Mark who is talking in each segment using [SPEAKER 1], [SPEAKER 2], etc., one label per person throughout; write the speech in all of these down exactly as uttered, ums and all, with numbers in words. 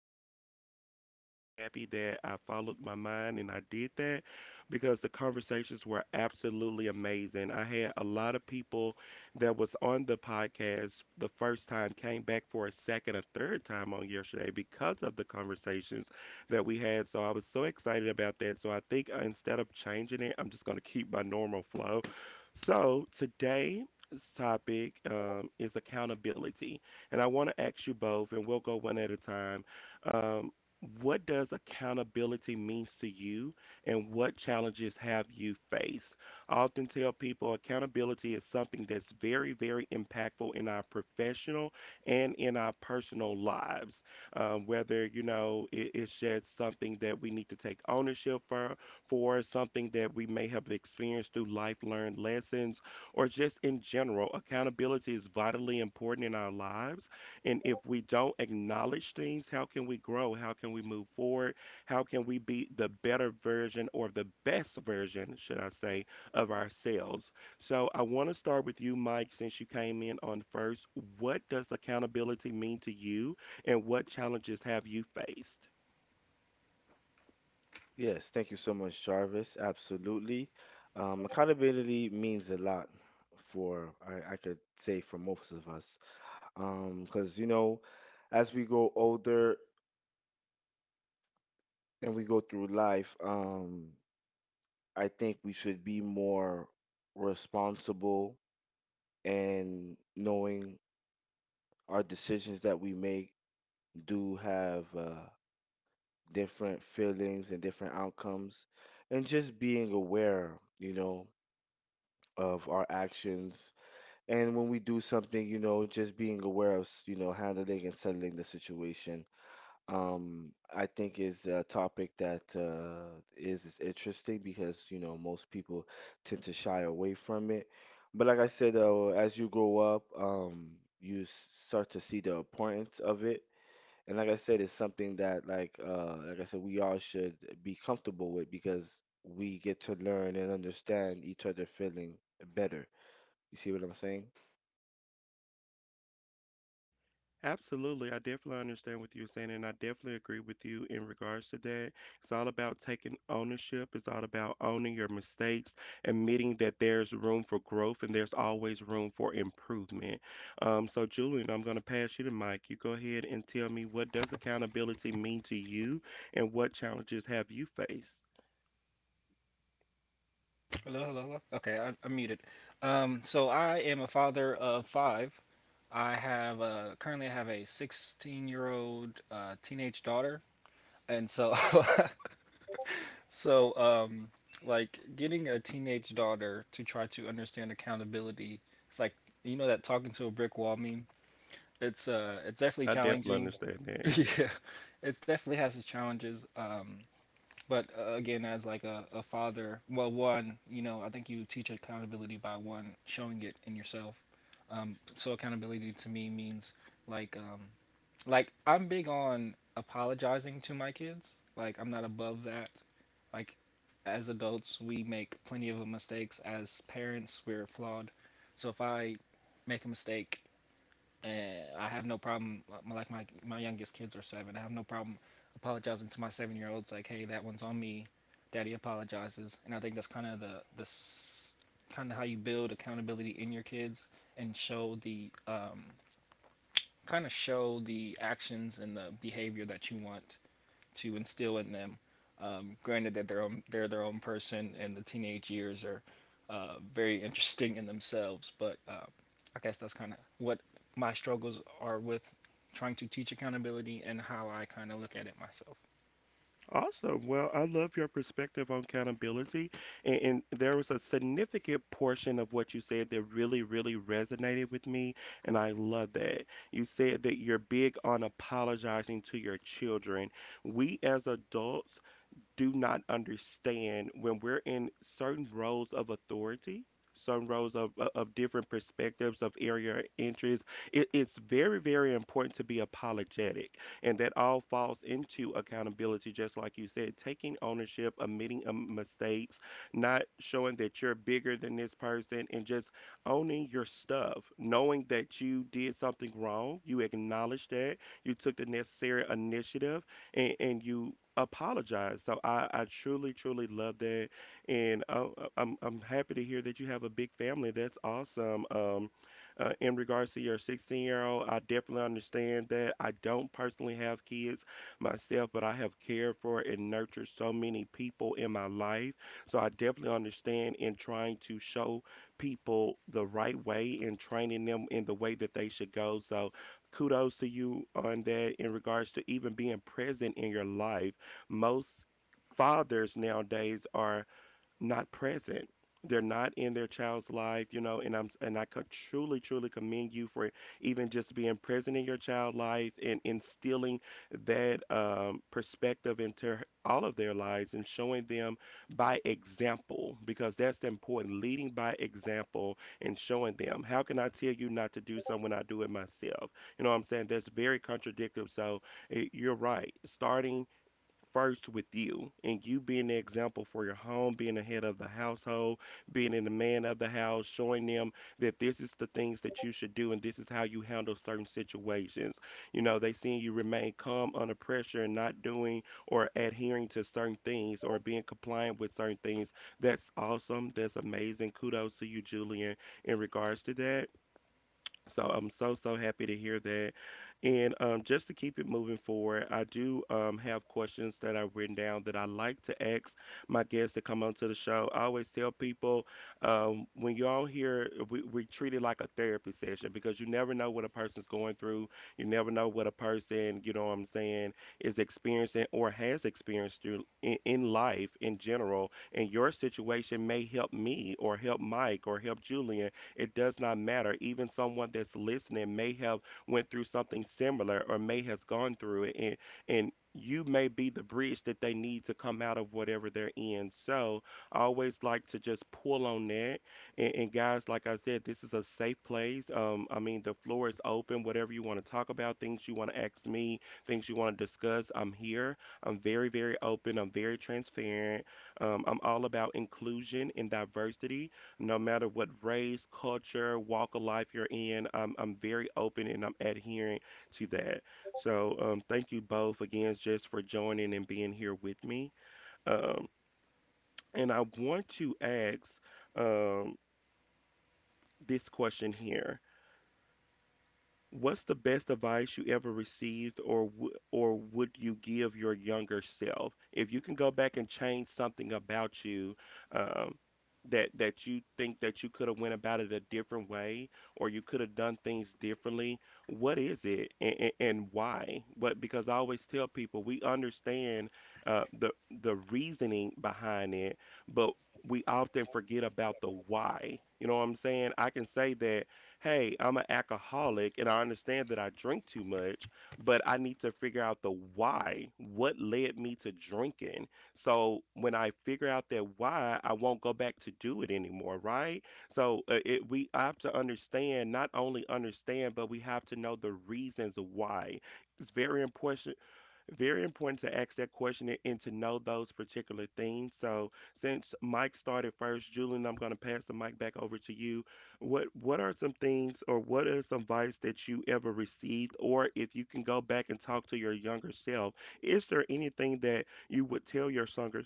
[SPEAKER 1] go that route, but I'm so happy that I followed my mind and I did that because the conversations were absolutely amazing. I had a lot of people that was on the podcast the first time came back for a second, a third time on yesterday because of the conversations that we had. So I was so excited about that. So I think uh, instead of changing it, I'm just going to keep my normal flow. So today's topic um, is accountability. And I want to ask you both, and we'll go one at a time. Um, what does accountability means to you, and what challenges have you faced? I often tell people accountability is something that's very, very impactful in our professional and in our personal lives, um, whether you know it, it's just something that we need to take ownership for, for something that we may have experienced through life learned lessons, or just in general. Accountability is vitally important in our lives, and if we don't acknowledge things, how can we grow? How can we move forward? How can we be the better version or the best version, should I say, of ourselves? So I want to start with you, Mike, since you came in on first. What does accountability mean to you? And what challenges have you faced?
[SPEAKER 2] Yes, thank you so much, Jarvis. Absolutely. Um, accountability means a lot for, I, I could say, for most of us. Um, because, you know, as we grow older and we go through life, um, I think we should be more responsible and knowing our decisions that we make do have uh, different feelings and different outcomes, and just being aware, you know, of our actions. And when we do something, you know, just being aware of, s- you know, handling and settling the situation, um, I think is a topic that uh, is, is interesting because, you know, most people tend to shy away from it. But like I said, uh, as you grow up, um, you s- start to see the importance of it. And like I said, it's something that, like, uh, like I said, we all should be comfortable with because we get to learn and understand each other feeling better. You see what I'm saying?
[SPEAKER 1] Absolutely. I definitely understand what you're saying, and I definitely agree with you in regards to that. It's all about taking ownership. It's all about owning your mistakes, admitting that there's room for growth and there's always room for improvement. Um, so, Julian, I'm going to pass you the mic. You go ahead and tell me what does accountability mean to you, and what challenges have you faced?
[SPEAKER 3] Hello, hello, hello. Okay, I, I'm muted. Um, so I am a father of five. I have uh, currently I have a sixteen year old uh, teenage daughter, and so so um, like getting a teenage daughter to try to understand accountability. It's like you know that talking to a brick wall meme. It's uh it's definitely
[SPEAKER 1] I definitely
[SPEAKER 3] challenging.
[SPEAKER 1] understand that.
[SPEAKER 3] Yeah, it definitely has its challenges. Um, But uh, again, as like a, a father, well, one, you know, I think you teach accountability by one showing it in yourself. Um, so accountability to me means like um, like I'm big on apologizing to my kids. Like I'm not above that. Like as adults, we make plenty of mistakes. As parents, we're flawed. So if I make a mistake and I have no problem. Like my like, my youngest kids are seven. I have no problem apologizing to my seven year olds. Like, hey, that one's on me. Daddy apologizes. And I think that's kind of the the kind of how you build accountability in your kids and show the um, kind of show the actions and the behavior that you want to instill in them. Um, granted that they're own, they're their own person and the teenage years are uh, very interesting in themselves, but um, I guess that's kind of what my struggles are with trying to teach accountability and how I kind of look at it myself.
[SPEAKER 1] Awesome. Well, I love your perspective on accountability. And, and there was a significant portion of what you said that really, really resonated with me. And I love that. You said that you're big on apologizing to your children. We as adults do not understand when we're in certain roles of authority, certain roles of, of of different perspectives of area of interest, it, it's very, very important to be apologetic. And that all falls into accountability, just like you said, taking ownership, admitting um, mistakes, not showing that you're bigger than this person, and just owning your stuff, knowing that you did something wrong, you acknowledge that, you took the necessary initiative and, and you apologize. So I, I truly, truly love that. And uh, uh, I'm, I'm happy to hear that you have a big family. That's awesome. Um, uh, in regards to your sixteen year old, I definitely understand that. I don't personally have kids myself, but I have cared for and nurtured so many people in my life. So I definitely understand in trying to show people the right way and training them in the way that they should go. So kudos to you on that in regards to even being present in your life. Most fathers nowadays are not present. They're not in their child's life, you know, and I'm and I could truly, truly commend you for even just being present in your child life and instilling that um, perspective into h- all of their lives and showing them by example because that's important. Leading by example and showing them. How can I tell you not to do something when I do it myself? You know what I'm saying? That's very contradictive. So eh, you're right. Starting first with you and you being the example for your home, being the head of the household, being the man of the house, showing them that this is the things that you should do and this is how you handle certain situations. You know, they seeing you remain calm under pressure and not doing or adhering to certain things or being compliant with certain things. That's awesome. That's amazing. Kudos to you, Julian, in regards to that. So I'm so, so happy to hear that. And um, just to keep it moving forward, I do um, have questions that I've written down that I like to ask my guests that come onto the show. I always tell people um, when y'all here, we, we treat it like a therapy session because you never know what a person's going through. You never know what a person, you know what I'm saying, is experiencing or has experienced through, in, in life in general. And your situation may help me or help Mike or help Julian, it does not matter. Even someone that's listening may have went through something similar or may has gone through it and and you may be the bridge that they need to come out of whatever they're in. So I always like to just pull on that. And, and Guys, like I said, this is a safe place. Um, I mean, the floor is open. Whatever you want to talk about, things you want to ask me, things you want to discuss, I'm here. I'm very, very open. I'm very transparent. Um, I'm all about inclusion and diversity no matter what race, culture, walk of life you're in. I'm I'm very open and I'm adhering to that. So um, thank you both again just for joining and being here with me. Um, and I want to ask um, this question here. What's the best advice you ever received or w- or would you give your younger self? If you can go back and change something about you, um, that that you think that you could have went about it a different way or you could have done things differently, what is it, and, and and why? What? Because I always tell people we understand uh, the the reasoning behind it, but we often forget about the why. You know what I'm saying? I can say that hey, I'm an alcoholic and I understand that I drink too much, but I need to figure out the why. What led me to drinking? So when I figure out that why, I won't go back to do it anymore, right? So uh, it, we have to understand, not only understand, but we have to know the reasons why. It's very important, very important to ask that question and to know those particular things. So, since Mike started first, Julian, I'm going to pass the mic back over to you. What What are some things, or what is some advice that you ever received, or if you can go back and talk to your younger self, is there anything that you would tell your younger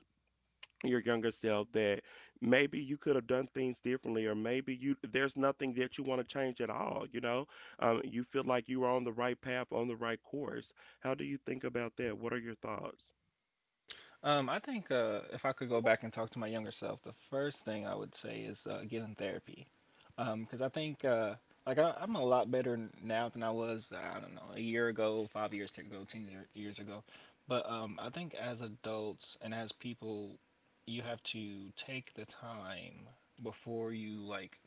[SPEAKER 1] your younger self that maybe you could have done things differently or maybe you there's nothing that you want to change at all, you know? Um, you feel like you are on the right path, on the right course. How do you think about that? What are your thoughts?
[SPEAKER 3] Um, I think uh, if I could go back and talk to my younger self, the first thing I would say is uh, get in therapy. Um, because I think uh, like I, I'm a lot better n- now than I was uh, I don't know a year ago, five years ago, ten year- years ago. But um, I think as adults and as people, you have to take the time before you like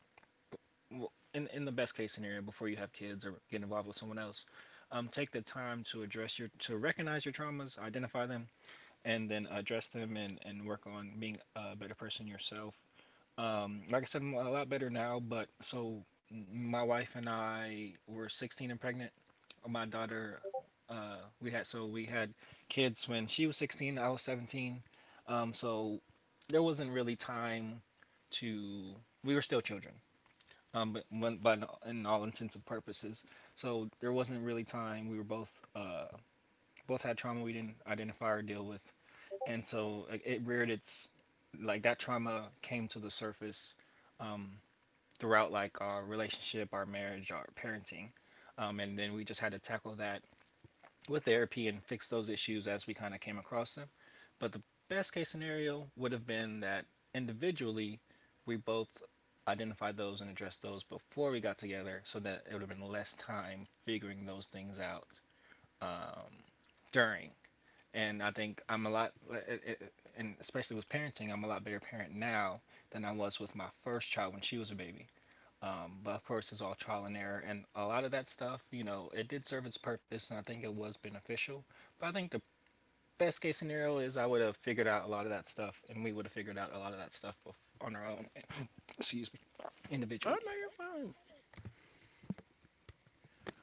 [SPEAKER 3] b- well, in in the best case scenario, before you have kids or get involved with someone else, um, take the time to address your to recognize your traumas, identify them, and then address them and, and work on being a better person yourself. Um, like I said, I'm a lot better now, but so my wife and I were sixteen and pregnant. My daughter, uh, we had so we had kids when she was sixteen, I was seventeen. Um, so there wasn't really time to. We were still children, um, but when, but in all intents and purposes. So there wasn't really time. We were both uh, both had trauma we didn't identify or deal with and so like, it reared its like that trauma came to the surface um, throughout like our relationship, our marriage, our parenting, um, and then we just had to tackle that with therapy and fix those issues as we kind of came across them. But the best case scenario would have been that individually we both identified those and addressed those before we got together so that it would have been less time figuring those things out um, during and I think I'm a lot, uh, uh, uh, and especially with parenting, I'm a lot better parent now than I was with my first child when she was a baby. Um, but of course, it's all trial and error, and a lot of that stuff, you know, it did serve its purpose, and I think it was beneficial. But I think the best case scenario is I would have figured out a lot of that stuff, and we would have figured out a lot of that stuff on our own. Excuse me,
[SPEAKER 1] Oh
[SPEAKER 3] individually.
[SPEAKER 1] no, you're fine.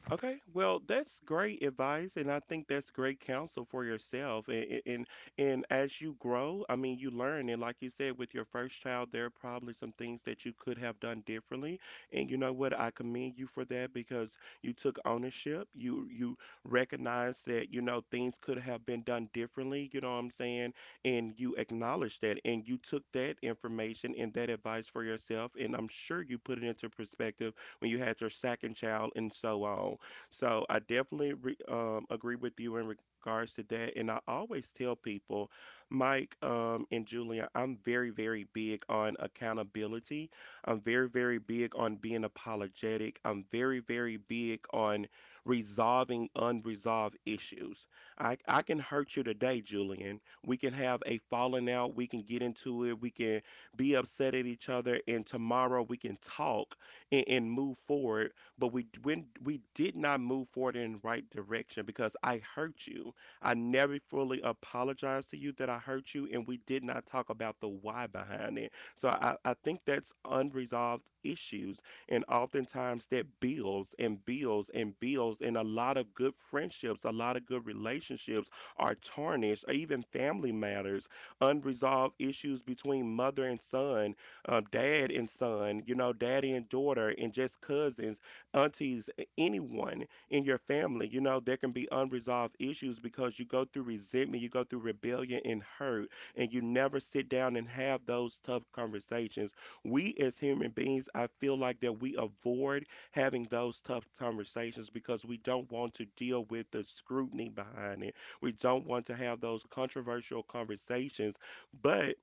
[SPEAKER 1] Okay, well, that's great advice, and I think that's great counsel for yourself. And, and and and as you grow, I mean, you learn. And like you said, with your first child, there are probably some things that you could have done differently. And you know what? I commend you for that because you took ownership. You you recognized that, you know, things could have been done differently, you know what I'm saying? And you acknowledged that and you took that information and that advice for yourself. And I'm sure you put it into perspective when you had your second child and so on. So I definitely re- um, agree with you in regards to that. And I always tell people, Mike um, and Julia, I'm very, very big on accountability. I'm very, very big on being apologetic. I'm very, very big on resolving unresolved issues. I, I can hurt you today, Julian. We can have a falling out. We can get into it. We can be upset at each other. And tomorrow we can talk and, and move forward, but we when we did not move forward in the right direction because I hurt you. I never fully apologized to you that I hurt you, and we did not talk about the why behind it. So I, I think that's unresolved issues, and oftentimes that builds and builds and builds, and a lot of good friendships, a lot of good relationships are tarnished, or even family matters, unresolved issues between mother and son, uh, dad and son, you know, daddy and daughter, and just cousins, aunties, a- anyone in your family. You know, there can be unresolved issues because you go through resentment, you go through rebellion and hurt, and you never sit down and have those tough conversations. We as human beings, I feel like that we avoid having those tough conversations because we don't want to deal with the scrutiny behind it. We don't want to have those controversial conversations. But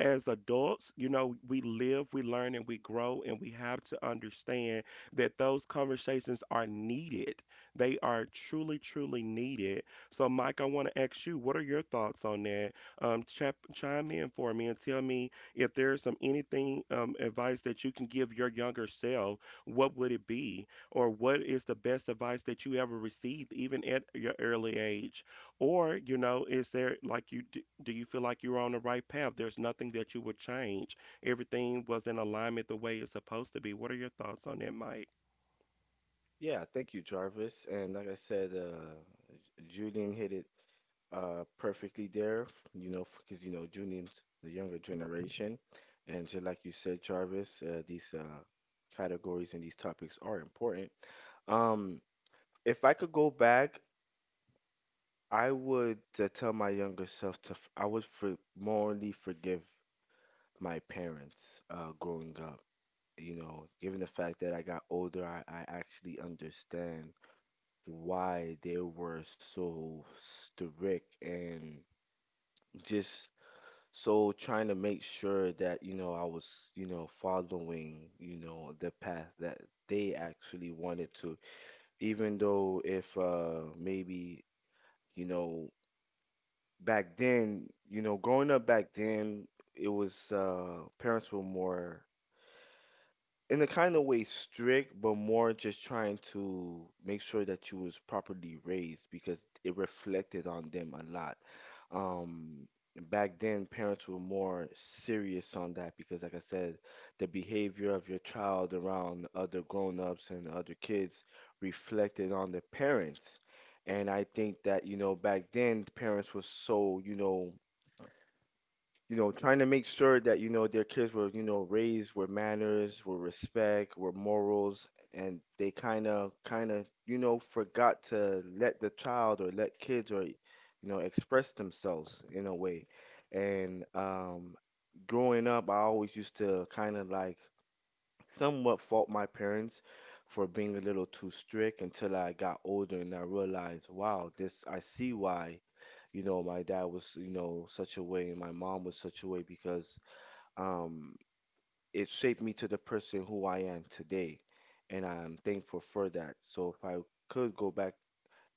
[SPEAKER 1] as adults, you know, we live, we learn, and we grow, and we have to understand that those conversations are needed. They are truly, truly needed. So, Mike, I want to ask you, what are your thoughts on that? Um, chap, chime in for me and tell me if there's some anything, um, advice that you can give your younger self. What would it be, or what is the best advice that you ever received, even at your early age? Or, you know, is there like you do, do you feel like you're on the right path? There's nothing that you would change, everything was in alignment the way it's supposed to be. What are your thoughts on that, Mike?
[SPEAKER 2] Yeah, thank you, Jarvis. And like I said, uh, Julian hit it uh, perfectly there, you know, because, you know, Julian's the younger generation. And just like you said, Jarvis, uh, these uh, categories and these topics are important. Um, if I could go back, I would uh, tell my younger self to, f- I would for morally forgive my parents uh, growing up. You know, given the fact that I got older, I, I actually understand why they were so strict and just so trying to make sure that, you know, I was, you know, following, you know, the path that they actually wanted to. Even though if uh maybe, you know, back then, you know, growing up back then, it was uh parents were more in a kind of way strict, but more just trying to make sure that you was properly raised because it reflected on them a lot. Um, Back then, parents were more serious on that because, like I said, the behavior of your child around other grown-ups and other kids reflected on the parents. And I think that, you know, back then, parents were so, you know, you know, trying to make sure that, you know, their kids were, you know, raised with manners, with respect, with morals, and they kind of, kind of, you know, forgot to let the child or let kids or, you know, express themselves in a way. And um, growing up, I always used to kind of like somewhat fault my parents for being a little too strict until I got older and I realized, wow, this I see why, you know, my dad was, you know, such a way and my mom was such a way because um it shaped me to the person who I am today. And I'm thankful for that. So if I could go back,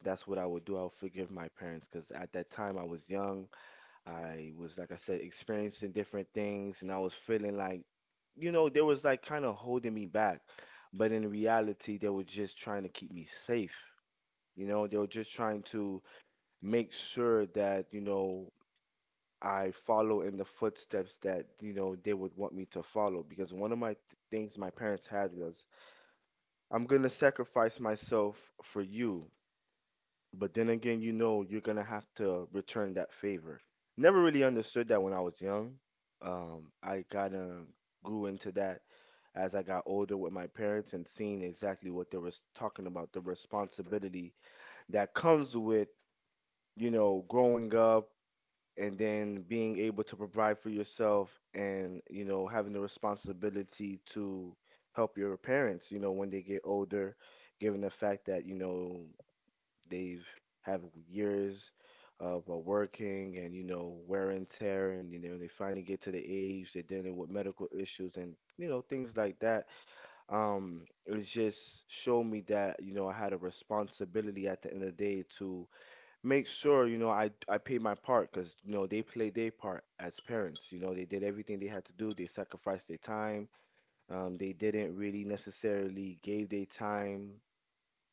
[SPEAKER 2] that's what I would do. I'll forgive my parents because at that time I was young. I was, like I said, experiencing different things, and I was feeling like, you know, they was like kind of holding me back. But in reality, they were just trying to keep me safe. You know, they were just trying to make sure that, you know, I follow in the footsteps that, you know, they would want me to follow. Because one of my th- things my parents had was, I'm going to sacrifice myself for you. But then again, you know you're gonna have to return that favor. Never really understood that when I was young. Um, I kinda grew into that as I got older with my parents and seeing exactly what they were talking about, the responsibility that comes with, you know, growing up and then being able to provide for yourself and, you know, having the responsibility to help your parents, you know, when they get older, given the fact that, you know, they've have years of uh, working and you know wear and tear, and you know they finally get to the age they're dealing with medical issues and you know things like that. Um, it just showed me that you know I had a responsibility at the end of the day to make sure you know I I paid my part because you know they played their part as parents. You know they did everything they had to do. They sacrificed their time. Um, they didn't really necessarily gave their time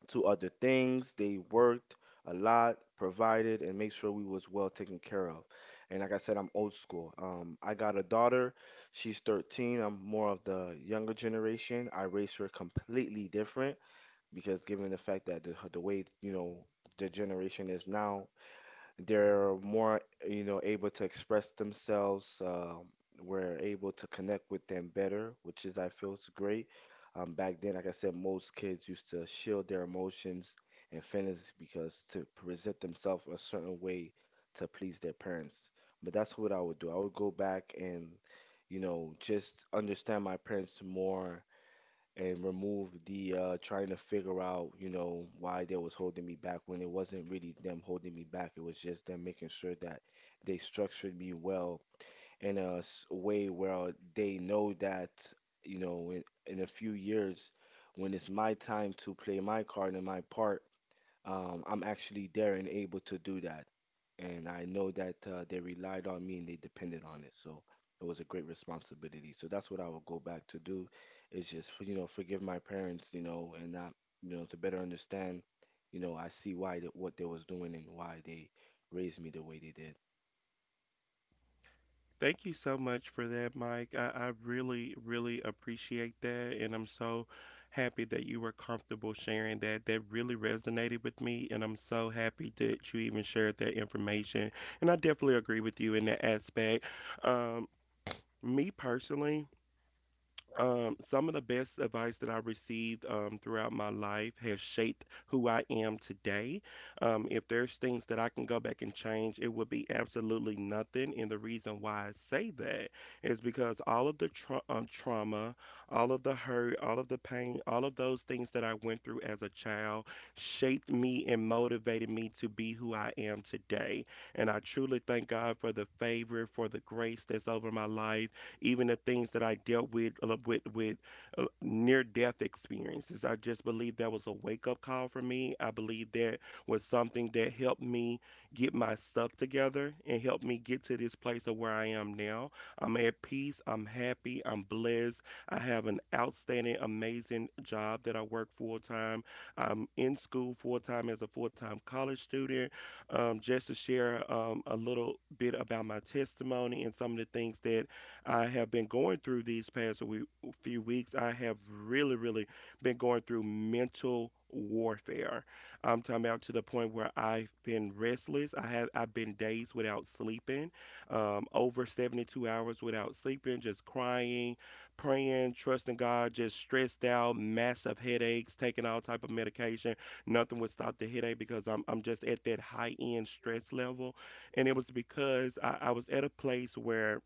[SPEAKER 2] to other things. They worked a lot, provided, and make sure we was well taken care of. And like I said, I'm old school. Um, I got a daughter. She's thirteen. I'm more of the younger generation. I raised her completely different because given the fact that the, the way, you know, the generation is now, they're more, you know, able to express themselves. Um, we're able to connect with them better, which is, I feel, is great. Um, back then, like I said, most kids used to shield their emotions and feelings because to present themselves a certain way to please their parents. But that's what I would do. I would go back and, you know, just understand my parents more and remove the uh, trying to figure out, you know, why they was holding me back when it wasn't really them holding me back. It was just them making sure that they structured me well in a s- way where they know that, you know, in, in a few years, when it's my time to play my card and my part, um, I'm actually there and able to do that. And I know that uh, they relied on me and they depended on it. So it was a great responsibility. So that's what I will go back to do is just, you know, forgive my parents, you know, and not, you know, to better understand, you know, I see why that what they was doing and why they raised me the way they did.
[SPEAKER 1] Thank you so much for that, Mike. I, I really, really appreciate that. And I'm so happy that you were comfortable sharing that. That really resonated with me. And I'm so happy that you even shared that information. And I definitely agree with you in that aspect. Um, Me personally, Um, some of the best advice that I received, um, throughout my life has shaped who I am today. Um, if there's things that I can go back and change, it would be absolutely nothing. And the reason why I say that is because all of the tra- um, trauma, all of the hurt, all of the pain, all of those things that I went through as a child shaped me and motivated me to be who I am today. And I truly thank God for the favor, for the grace that's over my life, even the things that I dealt with, uh, with with uh, near death experiences. I just believe that was a wake up call for me. I believe that was something that helped me get my stuff together and helped me get to this place of where I am now. I'm at peace. I'm happy. I'm blessed. I have an outstanding, amazing job that I work full time. I'm in school full time as a full time college student. Um, just to share, um, a little bit about my testimony and some of the things that I have been going through these past wee- few weeks. I have really, really been going through mental warfare. I'm talking about to the point where I've been restless. I have I've been days without sleeping, um, over seventy-two hours without sleeping, just crying, praying, trusting God, just stressed out, massive headaches, taking all type of medication. Nothing would stop the headache because I'm I'm just at that high end stress level. And it was because I, I was at a place where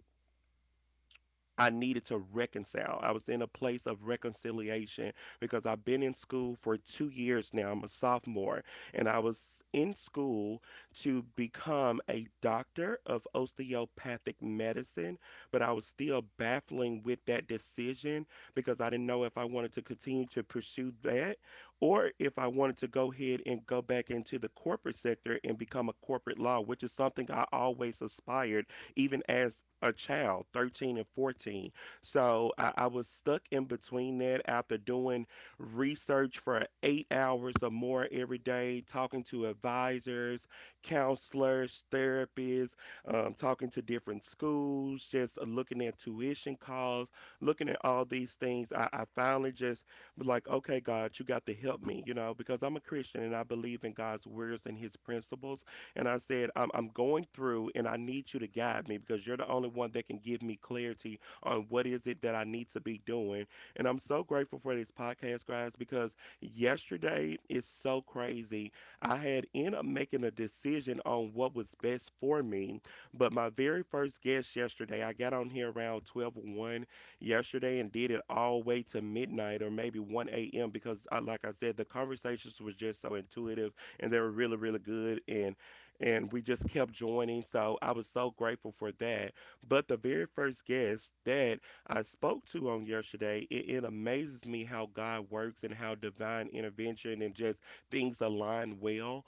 [SPEAKER 1] I needed to reconcile. I was in a place of reconciliation because I've been in school for two years now. I'm a sophomore, and I was in school to become a doctor of osteopathic medicine, but I was still baffling with that decision because I didn't know if I wanted to continue to pursue that or if I wanted to go ahead and go back into the corporate sector and become a corporate law, which is something I always aspired even as a child, thirteen and fourteen. So I, I was stuck in between that after doing research for eight hours or more every day, talking to advisors, counselors, therapists, um, talking to different schools, just looking at tuition costs, looking at all these things. I, I finally just was like, okay, God, you got to help me, you know, because I'm a Christian and I believe in God's words and his principles. And I said, I'm, I'm going through and I need you to guide me because you're the only one that can give me clarity on what is it that I need to be doing. And I'm so grateful for this podcast, guys, because yesterday is so crazy. I had ended up making a decision on what was best for me. But my very first guest yesterday, I got on here around twelve one yesterday and did it all way to midnight or maybe one a m because, I, like I said, the conversations were just so intuitive and they were really, really good. And and we just kept joining. So I was so grateful for that. But the very first guest that I spoke to on yesterday, it, it amazes me how God works and how divine intervention and just things align well.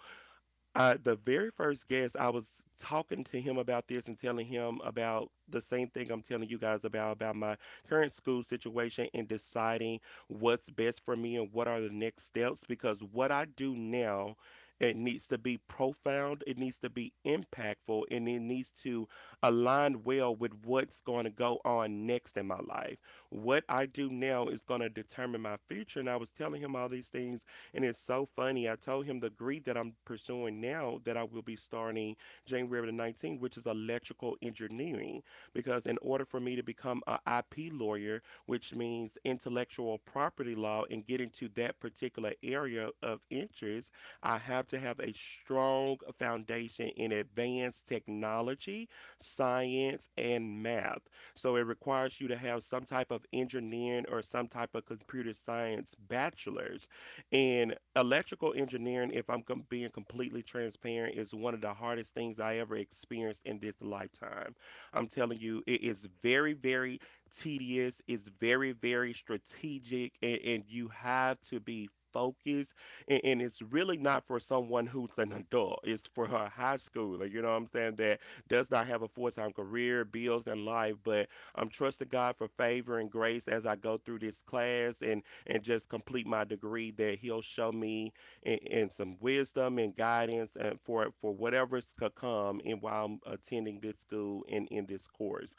[SPEAKER 1] Uh, the very first guest, I was talking to him about this and telling him about the same thing I'm telling you guys about about my current school situation and deciding what's best for me and what are the next steps, because what I do now, it needs to be profound, it needs to be impactful, and it needs to align well with what's going to go on next in my life. What I do now is going to determine my future, and I was telling him all these things and it's so funny. I told him the degree that I'm pursuing now that I will be starting January the nineteenth, which is electrical engineering, because in order for me to become a I P lawyer, which means intellectual property law, and get into that particular area of interest, I have to have a strong foundation in advanced technology, science, and math. So it requires you to have some type of engineering or some type of computer science bachelor's, and electrical engineering, if I'm com- being completely transparent, is one of the hardest things I ever experienced in this lifetime. I'm telling you, it is very, very tedious, it's very, very strategic, and, and you have to be focused. And, and it's really not for someone who's an adult, it's for a high schooler, you know what I'm saying, that does not have a full time career, bills, and life. But I'm trusting God for favor and grace as I go through this class. And and just complete my degree that he'll show me, and, and some wisdom and guidance and for for whatever's to come and while I'm attending this school and in this course.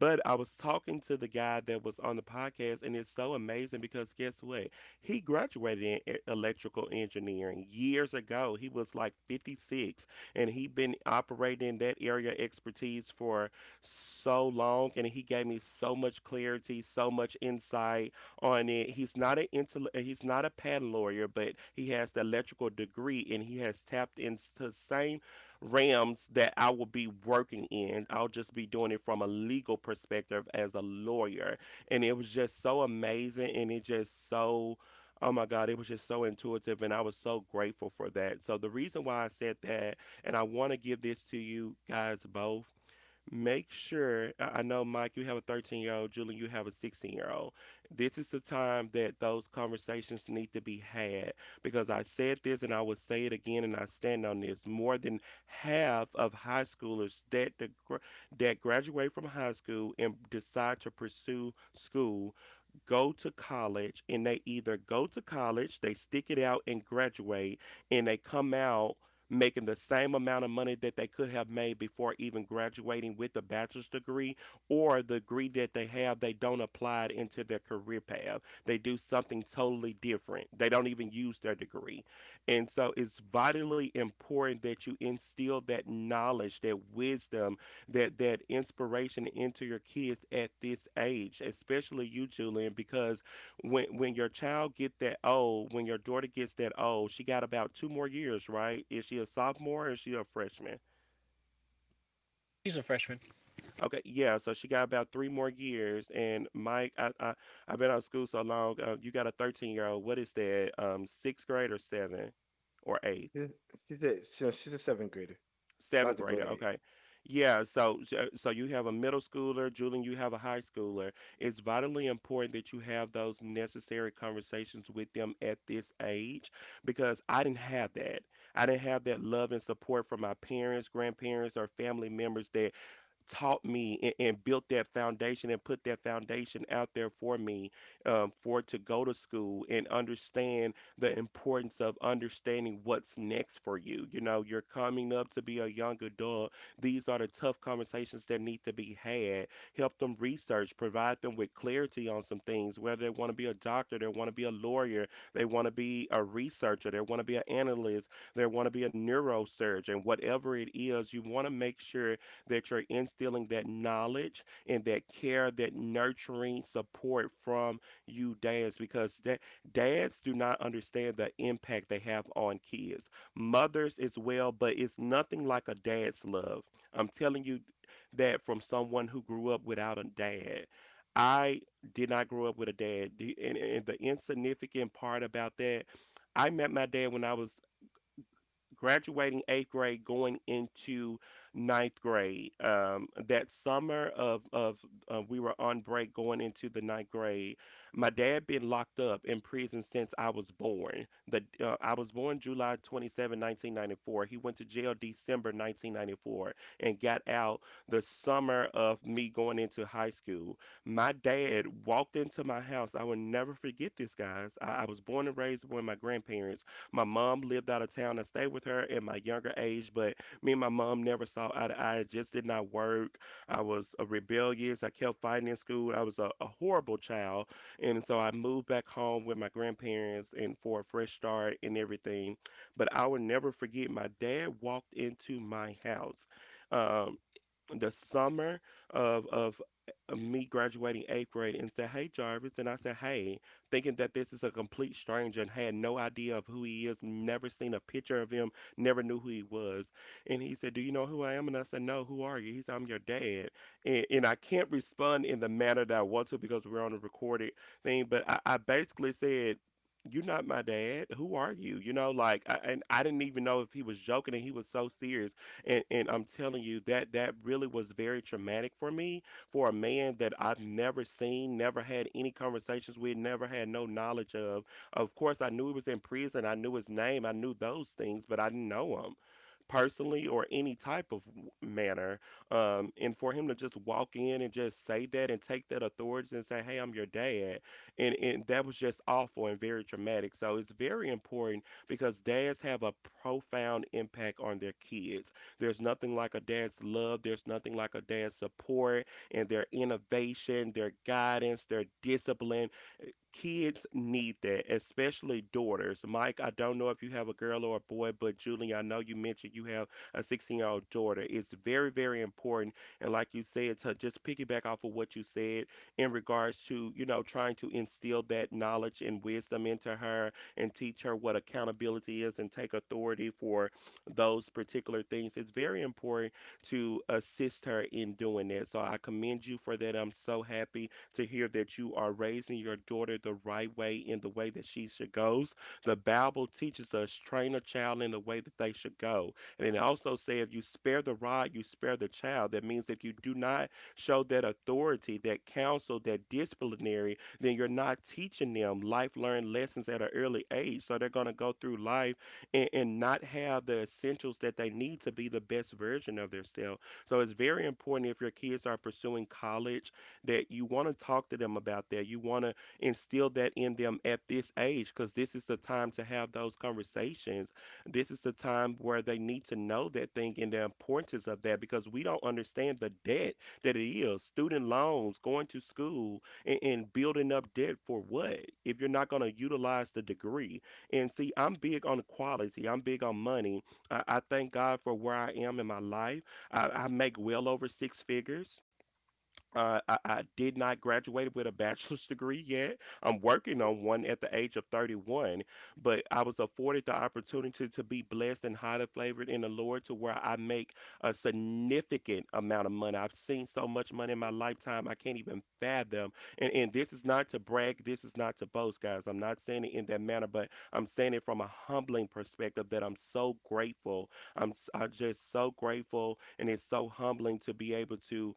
[SPEAKER 1] But I was talking to the guy that was on the podcast, and it's so amazing because guess what? He graduated in e- electrical engineering years ago. He was like fifty-six, and he had been operating in that area of expertise for so long, and he gave me so much clarity, so much insight on it. He's not an intell- uh, he's not a patent lawyer, but he has the electrical degree and he has tapped into the same realms that I will be working in. I'll just be doing it from a legal perspective as a lawyer. And it was just so amazing and it just so, oh my God, it was just so intuitive, and I was so grateful for that. So, the reason why I said that, and I want to give this to you guys both, make sure I I know Mike, you have a thirteen year old, Julie, you have a sixteen year old. This is the time that those conversations need to be had because I said this and I will say it again and I stand on this. More than half of high schoolers that deg- that graduate from high school and decide to pursue school go to college and they either go to college, they stick it out and graduate, and they come out making the same amount of money that they could have made before even graduating with a bachelor's degree, or the degree that they have, they don't apply it into their career path. They do something totally different. They don't even use their degree. And so it's vitally important that you instill that knowledge, that wisdom, that that inspiration into your kids at this age, especially you, Julian, because when when your child get that old, when your daughter gets that old, she got about two more years, right? Is she a sophomore or is she a freshman?
[SPEAKER 3] She's a freshman.
[SPEAKER 1] Okay, yeah, so she got about three more years. And Mike, I, I I've been out of school so long. Uh, you got a thirteen year old. What is that? Um, sixth grade or seven or eighth?
[SPEAKER 2] Yeah, she's a, so she's a seventh grader,
[SPEAKER 1] Seventh
[SPEAKER 2] about to go
[SPEAKER 1] grader,
[SPEAKER 2] to eight.
[SPEAKER 1] okay. Yeah, so so so you have a middle schooler. Julian, you have a high schooler. It's vitally important that you have those necessary conversations with them at this age because I didn't have that. I didn't have that love and support from my parents, grandparents, or family members taught me and, and built that foundation and put that foundation out there for me um, for to go to school and understand the importance of understanding what's next for you. You know, you're coming up to be a young adult. These are the tough conversations that need to be had. Help them research, provide them with clarity on some things, whether they want to be a doctor, they want to be a lawyer, they want to be a researcher, they want to be an analyst, they want to be a neurosurgeon, whatever it is, you want to make sure that you're instilling that knowledge and that care, that nurturing support from you dads because that dads do not understand the impact they have on kids. Mothers as well, but it's nothing like a dad's love. I'm telling you that from someone who grew up without a dad. I did not grow up with a dad. The- And, and the insignificant part about that, I met my dad when I was graduating eighth grade, going into ninth grade. Um, that summer of of uh, we were on break going into the ninth grade. My dad been locked up in prison since I was born. The uh, I was born July twenty-seventh, nineteen ninety-four. He went to jail December nineteen ninety-four and got out the summer of me going into high school. My dad walked into my house. I will never forget this, guys. I, I was born and raised with my grandparents. My mom lived out of town. I stayed with her in my younger age, but me and my mom never saw eye to eye. It just did not work. I was a rebellious. I kept fighting in school. I was a, a horrible child. And so I moved back home with my grandparents and for a fresh start and everything. But I will never forget my dad walked into my house. Um, the summer of of uh, me graduating eighth grade and said, "Hey Jarvis," and I said, "Hey," thinking that this is a complete stranger and had no idea of who he is, never seen a picture of him, never knew who he was. And he said, "Do you know who I am?" And I said, "No, who are you?" He said, "I'm your dad," and, and I can't respond in the manner that I want to because we're on a recorded thing, but I, I basically said, you're not my dad. Who are you? You know, like, I, and I didn't even know if he was joking and he was so serious. And and I'm telling you that that really was very traumatic for me, for a man that I've never seen, never had any conversations with, never had no knowledge of. Of course, I knew he was in prison. I knew his name. I knew those things, but I didn't know him personally or any type of w- manner. Um, and for him to just walk in and just say that and take that authority and say, "Hey, I'm your dad," and and that was just awful and very traumatic. So it's very important because dads have a profound impact on their kids. There's nothing like a dad's love. There's nothing like a dad's support and their innovation, their guidance, their discipline. Kids need that, especially daughters. Mike, I don't know if you have a girl or a boy, but Julie, I know you mentioned you have a sixteen-year-old daughter. It's very, very important. And like you said, to just piggyback off of what you said in regards to, you know, trying to instill that knowledge and wisdom into her and teach her what accountability is and take authority for those particular things. It's very important to assist her in doing that. So I commend you for that. I'm so happy to hear that you are raising your daughter the right way in the way that she should go. The Bible teaches us train a child in the way that they should go. And it also says if you spare the rod, you spare the child. That means if you do not show that authority, that counsel, that disciplinary, then you're not teaching them life learned lessons at an early age. So they're going to go through life and, and not have the essentials that they need to be the best version of themselves. So it's very important if your kids are pursuing college that you want to talk to them about that. You want to instill that in them at this age because this is the time to have those conversations. This is the time where they need to know that thing and the importance of that because we don't understand the debt that it is. Student loans, going to school, and, and building up debt for what if you're not going to utilize the degree? And see, I'm big on quality, I'm big on money. I, I thank God for where I am in my life. I, I make well over six figures. Uh, I, I did not graduate with a bachelor's degree yet. I'm working on one at the age of thirty-one, but I was afforded the opportunity to be blessed and highly flavored in the Lord to where I make a significant amount of money. I've seen so much money in my lifetime, I can't even fathom. And, and this is not to brag, this is not to boast, guys. I'm not saying it in that manner, but I'm saying it from a humbling perspective that I'm so grateful. I'm, s- I'm just so grateful, and it's so humbling to be able to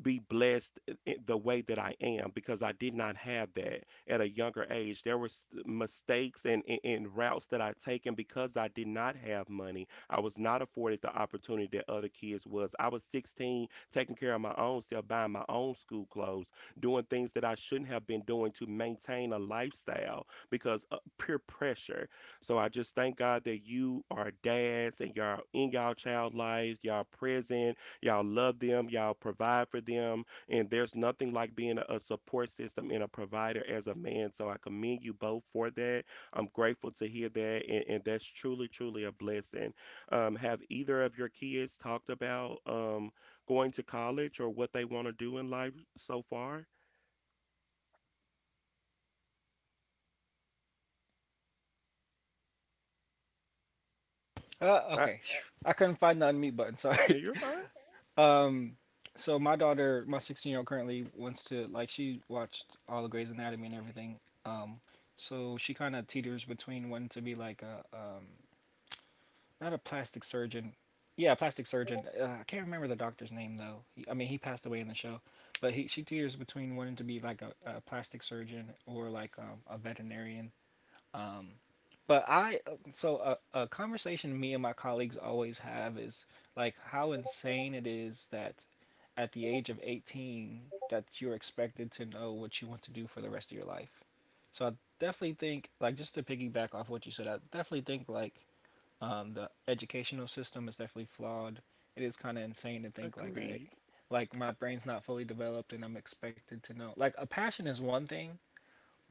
[SPEAKER 1] be blessed the way that I am because I did not have that at a younger age. There was uh, mistakes and, and, and routes that I taken because I did not have money. I was not afforded the opportunity that other kids was. I was sixteen, taking care of my own self, buying my own school clothes, doing things that I shouldn't have been doing to maintain a lifestyle because of peer pressure. So I just thank God that you are dads and y'all in y'all child lives, y'all present. Y'all love them, y'all provide for them, and there's nothing like being a support system and a provider as a man. So I commend you both for that. I'm grateful to hear that, and, and that's truly, truly a blessing. Um, have either of your kids talked about um, going to college or what they want to do in life so far?
[SPEAKER 3] Uh,
[SPEAKER 2] I,
[SPEAKER 3] okay. I couldn't find the unmute button.
[SPEAKER 1] No,
[SPEAKER 3] Sorry.
[SPEAKER 1] you're fine.
[SPEAKER 3] Um, so my daughter, my sixteen year old, currently wants to like she watched all the Grey's Anatomy and everything. Um, so she kind of teeters between wanting to be like a um, not a plastic surgeon. Yeah, plastic surgeon. Uh, I can't remember the doctor's name though. He, I mean, he passed away in the show, but he she teeters between wanting to be like a, a plastic surgeon or like um, a veterinarian um, but I so a, a conversation me and my colleagues always have is like how insane it is that at the age of eighteen that you're expected to know what you want to do for the rest of your life. So I definitely think like just to piggyback off what you said, I definitely think like um, the educational system is definitely flawed. It is kind of insane to think like I,
[SPEAKER 1] Agreed.
[SPEAKER 3] like my brain's not fully developed and I'm expected to know. Like a passion is one thing,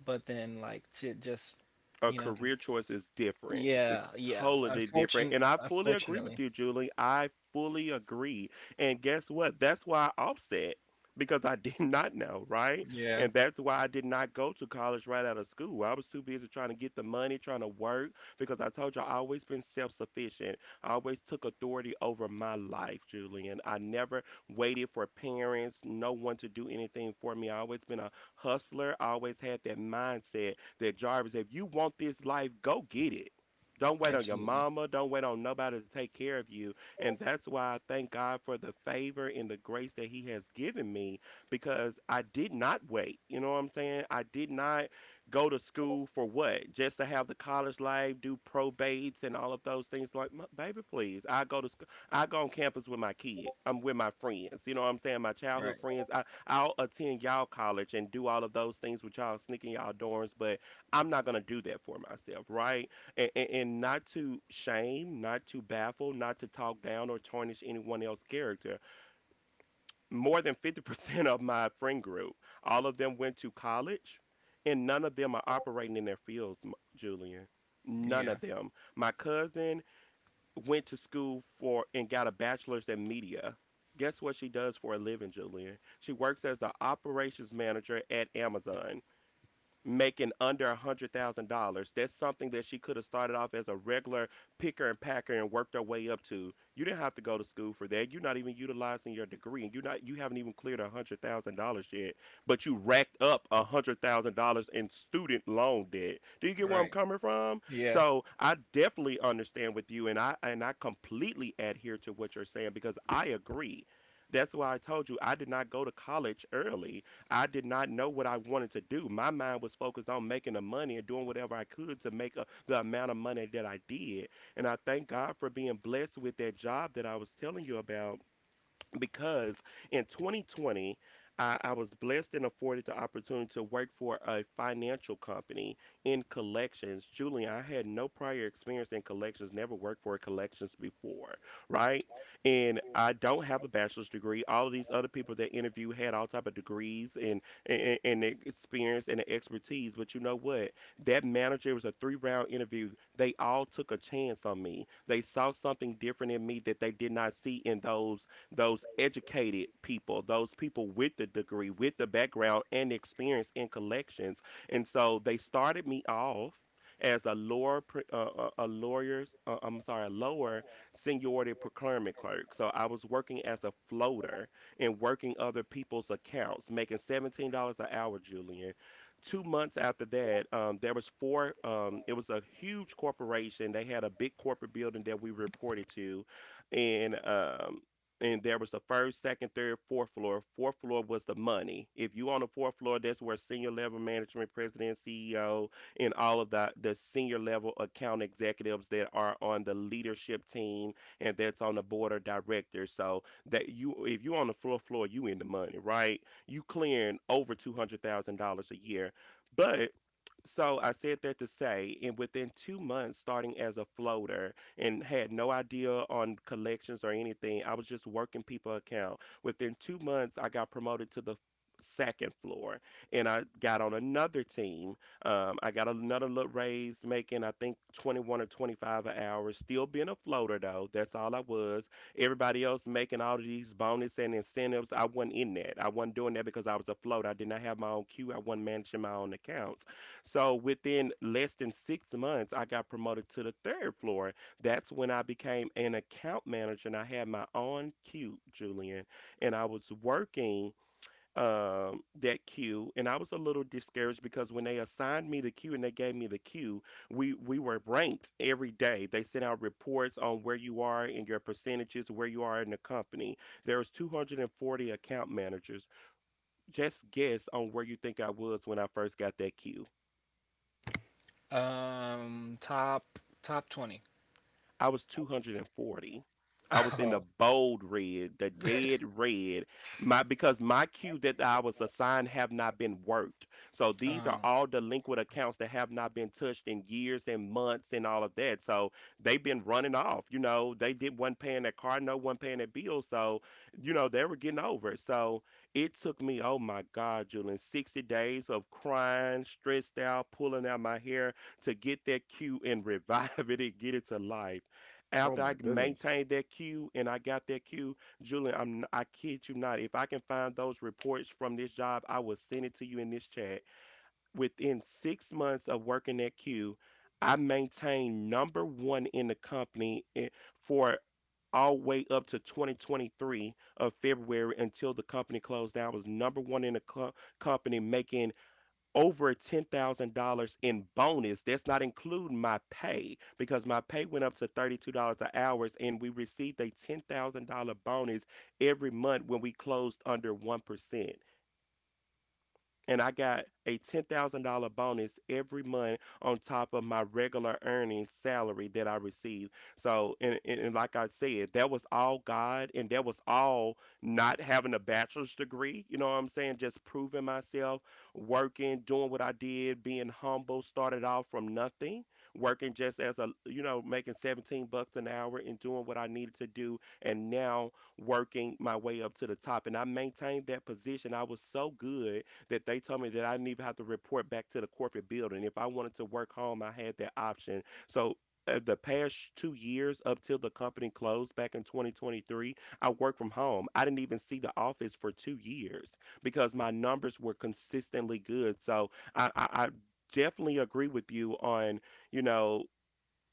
[SPEAKER 3] but then like to just
[SPEAKER 1] A
[SPEAKER 3] you know to
[SPEAKER 1] career choice is different.
[SPEAKER 3] yeah,
[SPEAKER 1] It's
[SPEAKER 3] yeah.
[SPEAKER 1] totally different.
[SPEAKER 3] Unfortunate,
[SPEAKER 1] And I fully agree with
[SPEAKER 3] unfortunately.
[SPEAKER 1] you, Julie. I fully agree. And guess what? That's why I offset because I did not know, right?
[SPEAKER 3] Yeah,
[SPEAKER 1] And that's why I did not go to college right out of school. I was too busy trying to get the money, trying to work because I told you I always been self-sufficient. I always took authority over my life, Julian. I never waited for parents, no one to do anything for me. I always been a hustler. I always had that mindset that Jarvis, if you want this life, go get it. Don't wait on your
[SPEAKER 3] absolutely.
[SPEAKER 1] mama. Don't wait on nobody to take care of you. And that's why I thank God for the favor and the grace that He has given me because I did not wait. You know what I'm saying? I did not go to school for what? Just to have the college life, do probates and all of those things. Like, "M- baby, please. I go to school. I go on campus with my kid. I'm with my friends. You know what I'm saying? My childhood
[SPEAKER 3] Right.
[SPEAKER 1] friends. I, I'll attend y'all college and do all of those things with y'all sneaking y'all dorms, but I'm not gonna do that for myself, right? And, and, and not to shame, not to baffle, not to talk down or tarnish anyone else's character. More than fifty percent of my friend group, all of them went to college, and none of them are operating in their fields, M- Julian. None
[SPEAKER 3] Yeah.
[SPEAKER 1] of them. My cousin went to school for and got a bachelor's in media. Guess what she does for a living, Julian? She works as an operations manager at Amazon making under a hundred thousand dollars. That's something that she could have started off as a regular picker and packer and worked her way up to. You didn't have to go to school for that. You're not even utilizing your degree, and you're not you haven't even cleared a hundred thousand dollars yet. But you racked up a hundred thousand dollars in student loan debt. Do you get where I'm
[SPEAKER 3] Right.
[SPEAKER 1] coming from?
[SPEAKER 3] Yeah.
[SPEAKER 1] So I definitely understand with you, and I and I completely adhere to what you're saying because I agree. That's why I told you I did not go to college early. I did not know what I wanted to do. My mind was focused on making the money and doing whatever I could to make a, the amount of money that I did. And I thank God for being blessed with that job that I was telling you about because in twenty twenty, I, I was blessed and afforded the opportunity to work for a financial company in collections. Julie, I had no prior experience in collections, never worked for collections before, right? And I don't have a bachelor's degree. All of these other people that interview had all type of degrees and, and, and experience and expertise. But you know what? That manager, it was a three round interview. They all took a chance on me. They saw something different in me that they did not see in those those educated people, those people with the degree, with the background and experience in collections. And so they started me off as a lower, pr- uh, uh, a lawyer's, uh, I'm sorry, a lower seniority procurement clerk. So I was working as a floater and working other people's accounts, making seventeen dollars an hour, Julian. Two months after that, um, there was four. Um, it was a huge corporation. They had a big corporate building that we reported to, and um, and there was the first, second, third, fourth floor. Fourth floor was the money. If you on the fourth floor, that's where senior level management, president, C E O, and all of the the senior level account executives that are on the leadership team and that's on the board of directors. So that you, if you on the fourth floor, you in the money, right? You clearing over two hundred thousand dollars a year, but so I said that to say, and within two months, starting as a floater and had no idea on collections or anything, I was just working people account. Within two months, I got promoted to the second floor and I got on another team. Um, I got another little raise, making I think twenty-one or twenty-five an hour, still being a floater though. That's all I was. Everybody else making all of these bonus and incentives. I wasn't in that. I wasn't doing that because I was a floater. I did not have my own queue. I wasn't managing my own accounts. So within less than six months, I got promoted to the third floor. That's when I became an account manager and I had my own queue, Julian. And I was working um, that queue and I was a little discouraged because when they assigned me the queue and they gave me the queue, we, we were ranked every day. They sent out reports on where you are and your percentages, where you are in the company. There was two hundred forty account managers. Just guess on where you think I was when I first got that queue.
[SPEAKER 3] Um, top top twenty.
[SPEAKER 1] I was two hundred forty. I was in the
[SPEAKER 3] Oh.
[SPEAKER 1] bold red, the dead red. My Because my queue that I was assigned have not been worked. So these are
[SPEAKER 3] Um,
[SPEAKER 1] all delinquent accounts that have not been touched in years and months and all of that. So they've been running off. You know, they did one paying their car, no one paying their bill. So, you know, they were getting over. It. So it took me, oh my God, Julian, sixty days of crying, stressed out, pulling out my hair to get that cue and revive it and get it to life.
[SPEAKER 2] oh
[SPEAKER 1] After
[SPEAKER 2] my
[SPEAKER 1] I
[SPEAKER 2] goodness.
[SPEAKER 1] maintained that queue and I got that queue, Julian, I'm n- i am I kid you not. If I can find those reports from this job, I will send it to you in this chat. Within six months of working that queue, I maintained number one in the company eh, for all way up to twenty twenty-three of February until the company closed down. I was number one in the co- company making over ten thousand dollars in bonus. That's not including my pay because my pay went up to thirty-two dollars an hour and we received a ten thousand dollars bonus every month when we closed under one percent and I got a ten thousand dollars bonus every month on top of my regular earnings salary that I received. So, and, and, and like I said, that was all God, and that was all not having a bachelor's degree. You know what I'm saying? Just proving myself, working, doing what I did, being humble, started off from nothing, working just as a, you know, making seventeen bucks an hour and doing what I needed to do. And now working my way up to the top. And I maintained that position. I was so good that they told me that I didn't even have to report back to the corporate building. If I wanted to work home, I had that option. So uh, the past two years up till the company closed back in twenty twenty-three, I worked from home. I didn't even see the office for two years because my numbers were consistently good. So I, I, I definitely agree with you on, you know,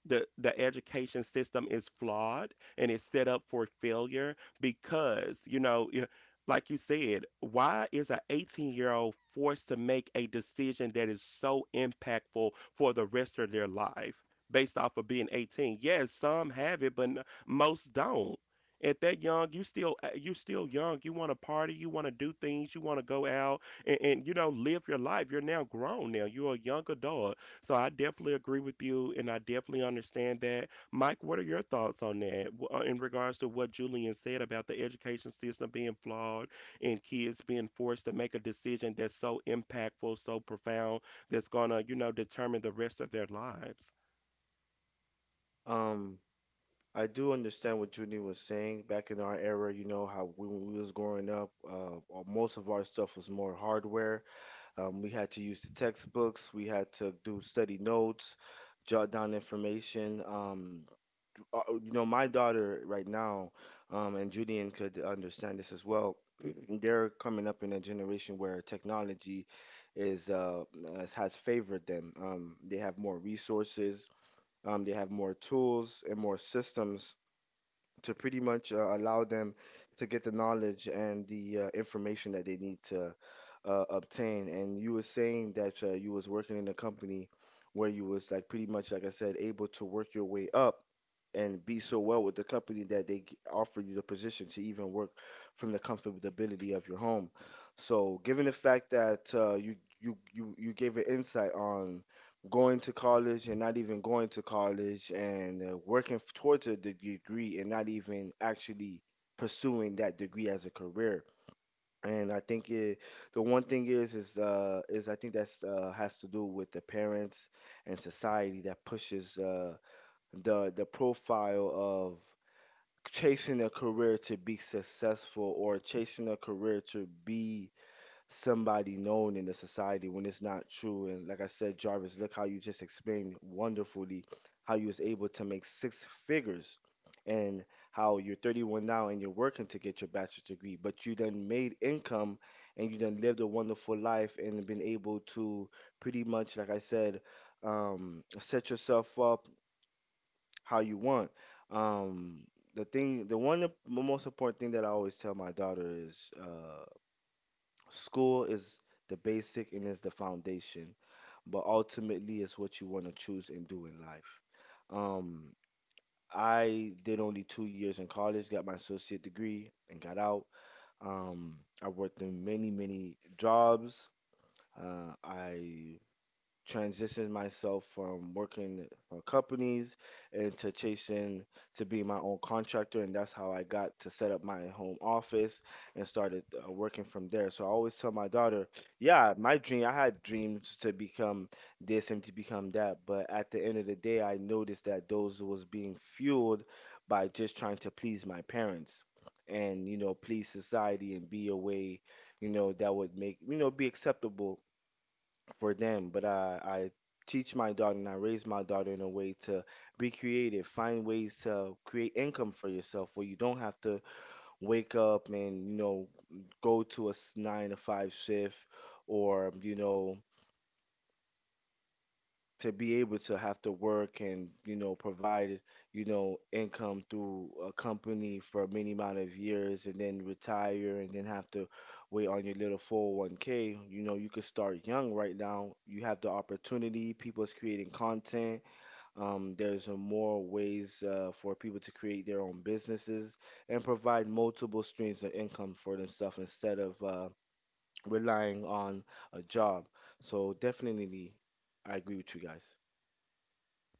[SPEAKER 1] the the education system is flawed and it's set up for failure because, you know, y- like you said, why is an eighteen year old forced to make a decision that is so impactful for the rest of their life based off of being eighteen? Yes, some have it, but n- most don't. At that young, you still uh, you still young, you want to party, you want to do things, you want to go out, and, and you know, live your life. You're now grown, now you're a young adult. So I definitely agree with you, and I definitely understand that. Mike, what are your thoughts on that, w- uh, in regards to what Julian said about the education system being flawed and kids being forced to make a decision that's so impactful, so profound, that's gonna, you know, determine the rest of their lives?
[SPEAKER 2] Um, I do understand what Judy was saying. Back in our era, you know how we, when we was growing up, uh, uh, most of our stuff was more hardware. Um, we had to use the textbooks. We had to do study notes, jot down information. Um, uh, you know, my daughter right now, um, and Julian could understand this as well. They're coming up in a generation where technology is uh, has has favored them. Um, they have more resources. Um, they have more tools and more systems to pretty much uh, allow them to get the knowledge and the uh, information that they need to uh, obtain. And you were saying that uh, you was working in a company where you was like pretty much, like I said, able to work your way up and be so well with the company that they g- offer you the position to even work from the comfortability of your home. So, given the fact that uh, you you you you gave an insight on going to college and not even going to college and uh, working f- towards a de- degree and not even actually pursuing that degree as a career. And I think it, the one thing is is uh, is I think that's uh, has to do with the parents and society that pushes uh, the the profile of chasing a career to be successful or chasing a career to be somebody known in the society when it's not true. And like I said, Jarvis, look how you just explained wonderfully how you was able to make six figures and how you're thirty-one now and you're working to get your bachelor's degree, but you done made income and you done lived a wonderful life and been able to pretty much, like I said, um, set yourself up how you want. Um, the thing, the one, the most important thing that I always tell my daughter is, uh, school is the basic and is the foundation, but ultimately it's what you want to choose and do in life. Um, I did only two years in college, got my associate degree, and got out. Um, I worked in many, many jobs. Uh, I transitioned myself from working for companies into chasing to be my own contractor, and that's how I got to set up my home office and started uh, working from there. So I always tell my daughter, yeah, my dream, I had dreams to become this and to become that, but at the end of the day I noticed that those was being fueled by just trying to please my parents and you know please society and be a way you know that would make you know be acceptable for them. But I, I teach my daughter and I raise my daughter in a way to be creative, find ways to create income for yourself where you don't have to wake up and, you know, go to a s- nine to five shift or, you know, to be able to have to work and you know provide you know income through a company for a many amount of years and then retire and then have to wait on your little four oh one k. You know, you could start young. Right now you have the opportunity. People's creating content. Um, there's uh, more ways uh, for people to create their own businesses and provide multiple streams of income for themselves instead of uh, relying on a job. So definitely I agree with you guys.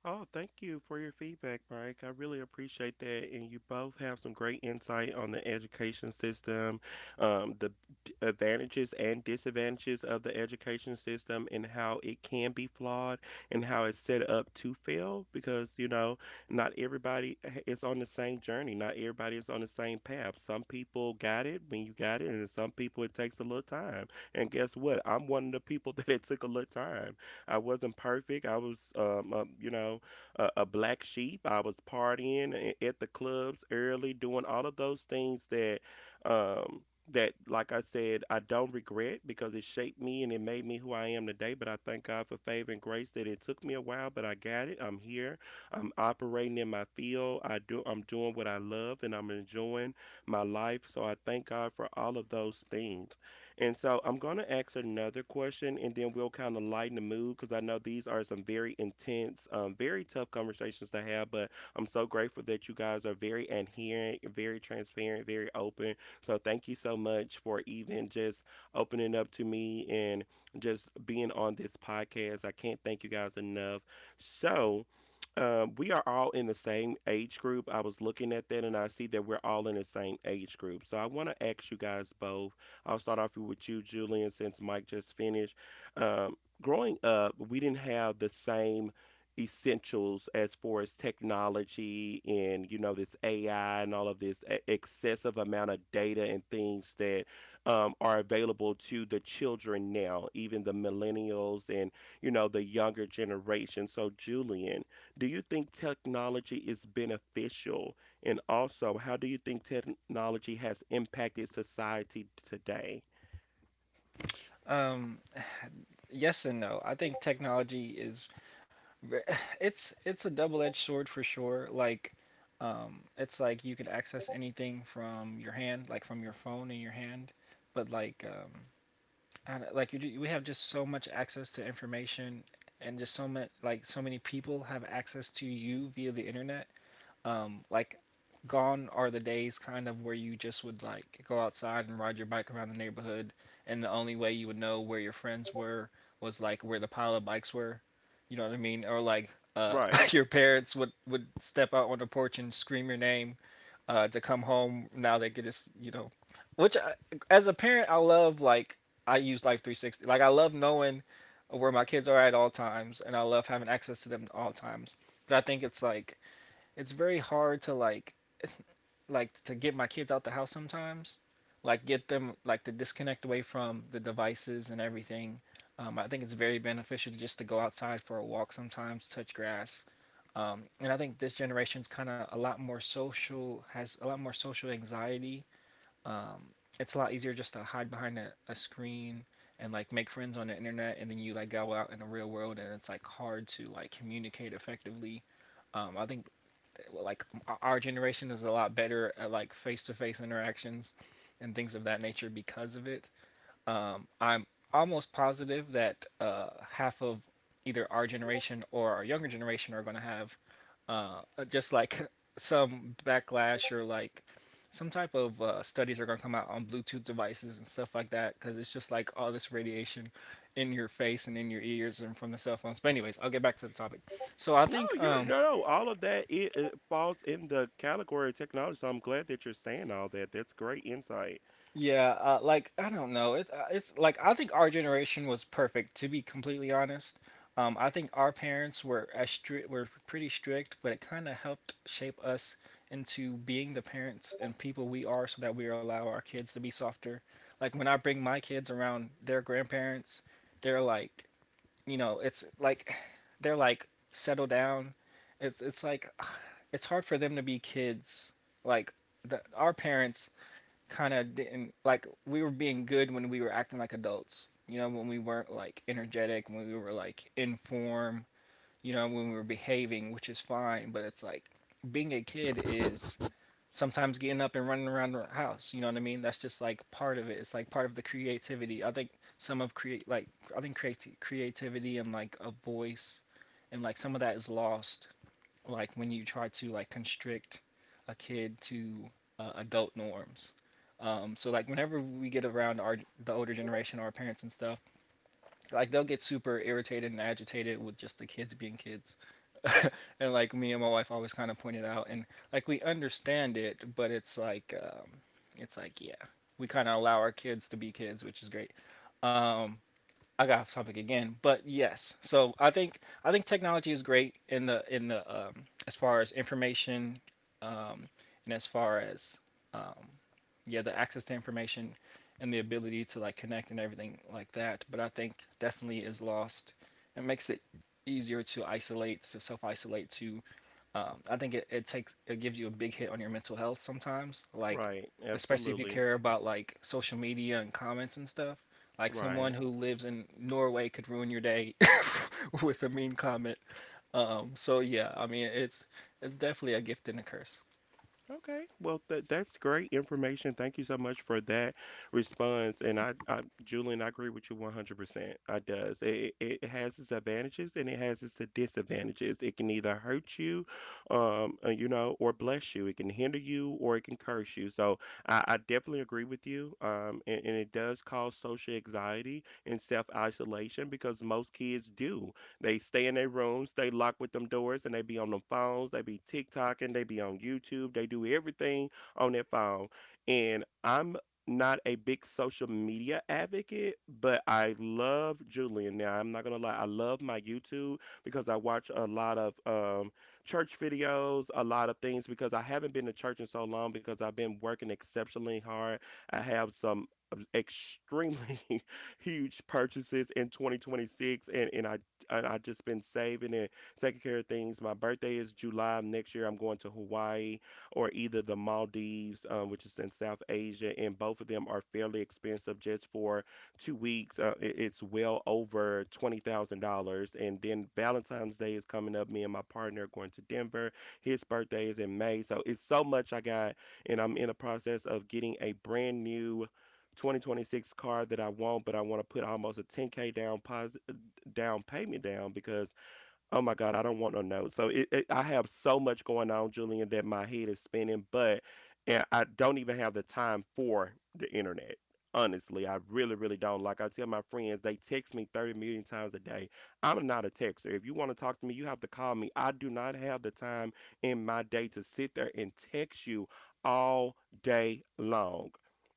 [SPEAKER 1] Oh, thank you for your feedback, Mike. I really appreciate that. And you both have some great insight on the education system, um, the d- advantages and disadvantages of the education system, and how it can be flawed and how it's set up to fail. Because, you know, not everybody h- is on the same journey, not everybody is on the same path. Some people got it when you got it, and some people it takes a little time. And guess what? I'm one of the people that it took a little time. I wasn't perfect. I was, um, a, you know, a, a black sheep. I was partying a- at the clubs early, doing all of those things that, um, that like I said, I don't regret because it shaped me and it made me who I am today. But I thank God for favor and grace that it took me a while, but I got it. I'm here. I'm operating in my field. I do. I'm doing what I love and I'm enjoying my life. So I thank God for all of those things. And so I'm going to ask another question and then we'll kind of lighten the mood because I know these are some very intense, um, very tough conversations to have. But I'm so grateful that you guys are very adherent, very transparent, very open. So thank you so much for even just opening up to me and just being on this podcast. I can't thank you guys enough. So, um, we are all in the same age group. I was looking at that and I see that we're all in the same age group. So I want to ask you guys both, I'll start off with you, Julian, since Mike just finished. Um, Growing up, we didn't have the same essentials as far as technology and, you know, this A I and all of this e- excessive amount of data and things that um, are available to the children now, even the millennials and, you know, the younger generation. So, Julian, do you think technology is beneficial and also, how do you think technology has impacted society today?
[SPEAKER 3] um, yes and no. I think technology is ve- it's it's a double-edged sword for sure. Like um, it's like you can access anything from your hand, like from your phone in your hand, but like um I like you, we have just so much access to information, and just so much like so many people have access to you via the internet. Um, like gone are the days kind of where you just would like go outside and ride your bike around the neighborhood, and the only way you would know where your friends were was like where the pile of bikes were. You know what I mean? Or like uh,
[SPEAKER 1] Right.
[SPEAKER 3] your parents would would step out on the porch and scream your name uh, to come home. Now they could just, you know, which I, as a parent, I love. Like I use Life three sixty. Like I love knowing where my kids are at all times, and I love having access to them at all times. But I think it's like it's very hard to like it's like to get my kids out the house sometimes like get them like to disconnect away from the devices and everything um, I think it's very beneficial to just to go outside for a walk sometimes touch grass um, and I think this generation's kind of a lot more social has a lot more social anxiety um, it's a lot easier just to hide behind a, a screen and like make friends on the internet and then you like go out in the real world and it's like hard to like communicate effectively um, I think like our generation is a lot better at like face-to-face interactions and things of that nature because of it. Um, I'm almost positive that uh, half of either our generation or our younger generation are going to have uh, just like some backlash or like some type of uh, studies are going to come out on Bluetooth devices and stuff like that because it's just like all this radiation in your face and in your ears and from the cell phones. But anyways, I'll get back to the topic. So I
[SPEAKER 1] No,
[SPEAKER 3] think
[SPEAKER 1] you're
[SPEAKER 3] um,
[SPEAKER 1] no, no, all of that, it, it falls in the category of technology. So I'm glad that you're saying all that. That's great insight.
[SPEAKER 3] Yeah, uh, like I don't know. It, uh, it's like I think our generation was perfect. To be completely honest, um, I think our parents were as stri- were pretty strict, but it kind of helped shape us into being the parents and people we are, so that we allow our kids to be softer. Like when I bring my kids around their grandparents, they're like, you know, it's like they're like settle down. It's it's like it's hard for them to be kids. Like the, our parents kind of didn't like we were being good when we were acting like adults. You know, when we weren't like energetic, when we were like in form, you know, when we were behaving, which is fine, but it's like being a kid is sometimes getting up and running around the house, you know what I mean? That's just like part of it. It's like part of the creativity. I think some of create like I think creati- creativity and like a voice and like some of that is lost like when you try to like constrict a kid to uh, adult norms. Um, so like whenever we get around our the older generation, our parents and stuff, like they'll get super irritated and agitated with just the kids being kids. And like me and my wife always kind of pointed out, and like we understand it, but it's like um, it's like yeah, we kind of allow our kids to be kids, which is great. Um, I got off topic again, but yes. So I think I think technology is great in the in the um, as far as information, um, and as far as um, yeah the access to information and the ability to like connect and everything like that. But I think definitely is lost. It makes it easier to isolate, to self isolate to um, I think it, it takes it gives you a big hit on your mental health sometimes, like
[SPEAKER 1] Right.
[SPEAKER 3] especially if you
[SPEAKER 1] Absolutely.
[SPEAKER 3] care about like social media and comments and stuff. Like someone
[SPEAKER 1] Right.
[SPEAKER 3] who lives in Norway could ruin your day with a mean comment. Um, so yeah, I mean it's it's definitely a gift and a curse.
[SPEAKER 1] Okay, well, that that's great information. Thank you so much for that response. And I, I, Julian, I agree with you one hundred percent. I does. It, it it has its advantages and it has its disadvantages. It can either hurt you, um, uh, you know, or bless you. It can hinder you or it can curse you. So I, I definitely agree with you. Um, and, and it does cause social anxiety and self-isolation because most kids do. They stay in their rooms, they lock with them doors, and they be on them phones. They be TikToking, they be on YouTube. They do everything on their phone. And I'm not a big social media advocate, but I love Julian. Now, I'm not gonna lie, I love my YouTube because I watch a lot of um, church videos, a lot of things because I haven't been to church in so long because I've been working exceptionally hard. I have some um, extremely huge purchases in twenty twenty-six, and, and I and I just been saving and taking care of things. My birthday is July of next year. I'm going to Hawaii or either the Maldives, um, which is in South Asia, and both of them are fairly expensive just for two weeks. Uh, it- it's well over twenty thousand dollars. And then Valentine's Day is coming up. Me and my partner are going to Denver. His birthday is in May, so it's so much I got, and I'm in a process of getting a brand new twenty twenty-six car that I want, but I want to put almost a ten k down pos- down payment down because oh my god, I don't want no note. So it, it, I have so much going on, Julian, that my head is spinning, but and I don't even have the time for the internet. Honestly, I really, really don't. Like I tell my friends, they text me thirty million times a day. I'm not a texter. If you want to talk to me, you have to call me. I do not have the time in my day to sit there and text you all day long.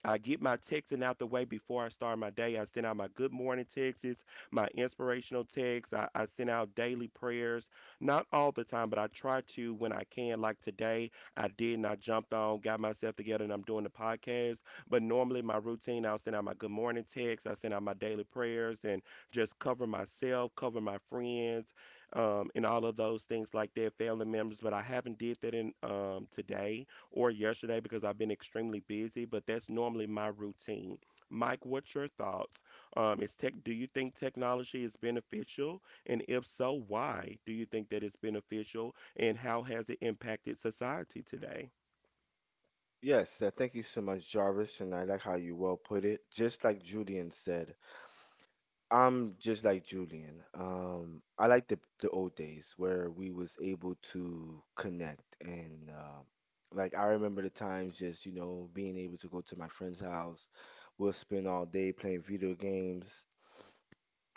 [SPEAKER 1] I get my texting out the way before I start my day. I send out my good morning texts, my inspirational texts. I, I send out daily prayers, not all the time, but I try to when I can. Like today, I did and I jumped on, got myself together, and I'm doing the podcast. But normally, my routine, I'll send out my good morning text, I send out my daily prayers, and just cover myself, cover my friends, um, and all of those things like that, family members. But I haven't did that in um, today or yesterday because I've been extremely busy. But that's normally my routine. Mike, what's your thoughts? Um, is tech, do you think technology is beneficial? And if so, why do you think that it's beneficial? And how has it impacted society today?
[SPEAKER 2] Yes, uh, thank you so much, Jarvis, and I like how you well put it. Just like Julian said, I'm just like Julian. Um, I like the the old days where we was able to connect, and um like I remember the times just, you know, being able to go to my friend's house. We'll spend all day playing video games,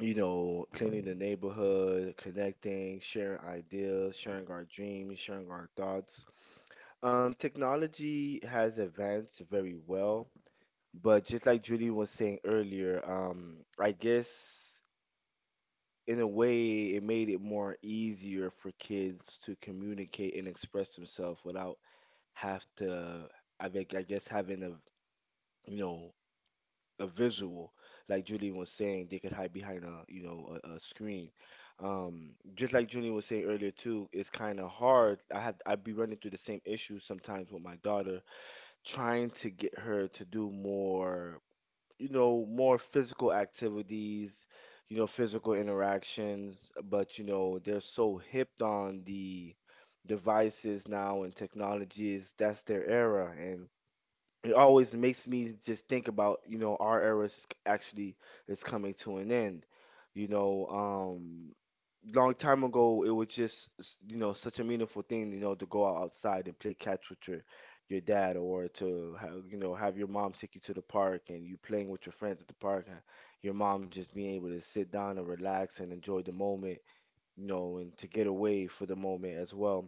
[SPEAKER 2] you know, cleaning the neighborhood, connecting, sharing ideas, sharing our dreams, sharing our thoughts. Um, technology has advanced very well, but just like Judy was saying earlier, um, I guess in a way it made it more easier for kids to communicate and express themselves without have to, I think, I guess having a, you know, a visual. Like Judy was saying, they could hide behind a, you know, a, a screen. Um, just like Judy was saying earlier too, it's kind of hard. I had I'd be running through the same issues sometimes with my daughter, trying to get her to do more, you know, more physical activities, you know, physical interactions. But you know, they're so hipped on the devices now and technologies. That's their era, and it always makes me just think about, you know, our era is actually is coming to an end. You know, um, long time ago it was just s- you know such a meaningful thing, you know, to go out outside and play catch with your your dad, or to have, you know, have your mom take you to the park and you playing with your friends at the park, and your mom just being able to sit down and relax and enjoy the moment, you know, and to get away for the moment as well.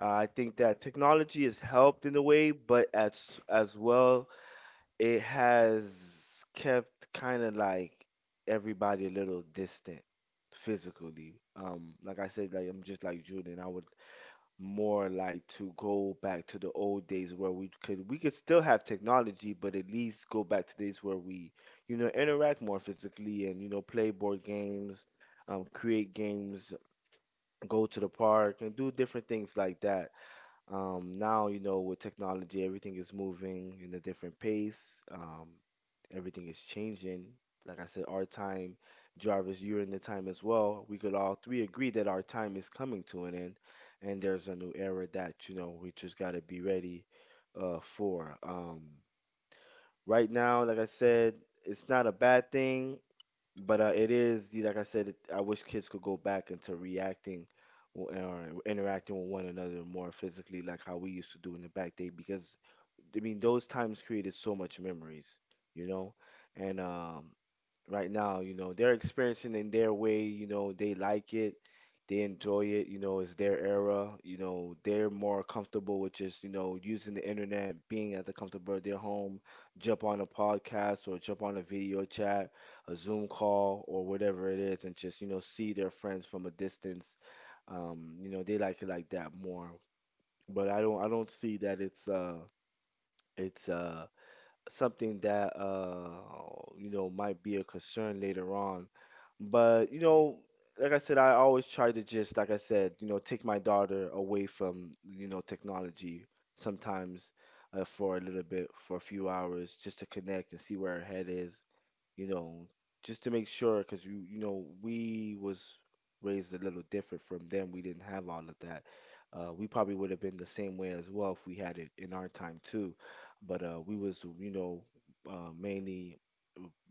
[SPEAKER 2] Uh, I think that technology has helped in a way, but as as well it has kept kind of like everybody a little distant physically. Um, like I said, like I'm just like Jordan. I would more like to go back to the old days where we could we could still have technology, but at least go back to days where we, you know, interact more physically and you know play board games, um, create games, go to the park and do different things like that. Um, now, you know, with technology, everything is moving in a different pace. Um, everything is changing. Like I said, our time, Jarvis, you're in the time as well. We could all three agree that our time is coming to an end, and there's a new era that, you know, we just gotta be ready uh for. Um, right now, like I said, it's not a bad thing. But uh, it is, the- like I said, it- I wish kids could go back into reacting w- or interacting with one another more physically, like how we used to do in the back day, because I mean, those times created so much memories, you know? And um, right now, you know, they're experiencing in their way. You know, they like it, they enjoy it. You know, it's their era. You know, they're more comfortable with just you know using the internet, being at the comfortable of their home. Jump on a podcast or jump on a video chat, a Zoom call or whatever it is, and just you know see their friends from a distance. Um, you know, they like it like that more. But I don't, I don't see that it's uh, it's uh something that uh you know might be a concern later on. But you know, like I said, I always try to just like I said, you know, take my daughter away from you know technology sometimes, uh, for a little bit, for a few hours, just to connect and see where her head is, you know, just to make sure. Because you you know we was raised a little different from them. We didn't have all of that. Uh, we probably would have been the same way as well if we had it in our time too, but uh, we was you know uh, mainly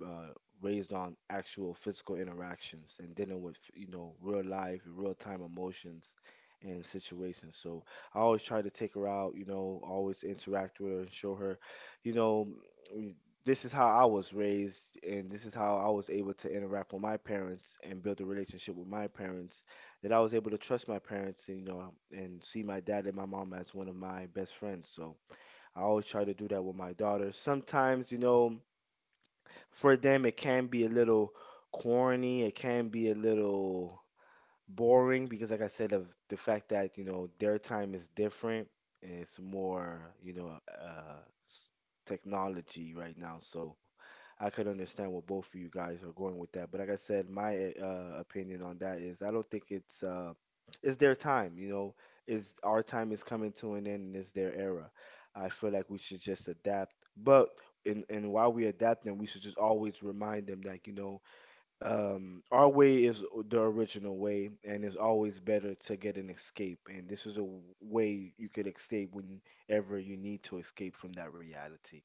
[SPEAKER 2] uh, raised on actual physical interactions and dealing with you know real life, real time emotions and situations. So I always try to take her out, you know, always interact with her and show her, you know. mm, This is how I was raised, and this is how I was able to interact with my parents and build a relationship with my parents. That I was able to trust my parents, and, you know, and see my dad and my mom as one of my best friends. So, I always try to do that with my daughters. Sometimes, you know, for them it can be a little corny, it can be a little boring, because like I said of the fact that you know their time is different and it's more you know uh s- technology right now. So I could understand what both of you guys are going with that. But like I said, my uh opinion on that is I don't think it's uh it's their time, you know, is our time is coming to an end and it's their era. I feel like we should just adapt. But and and while we adapt them, we should just always remind them that, you know, um, our way is the original way, and it's always better to get an escape. And this is a w- way you could escape whenever you need to escape from that reality.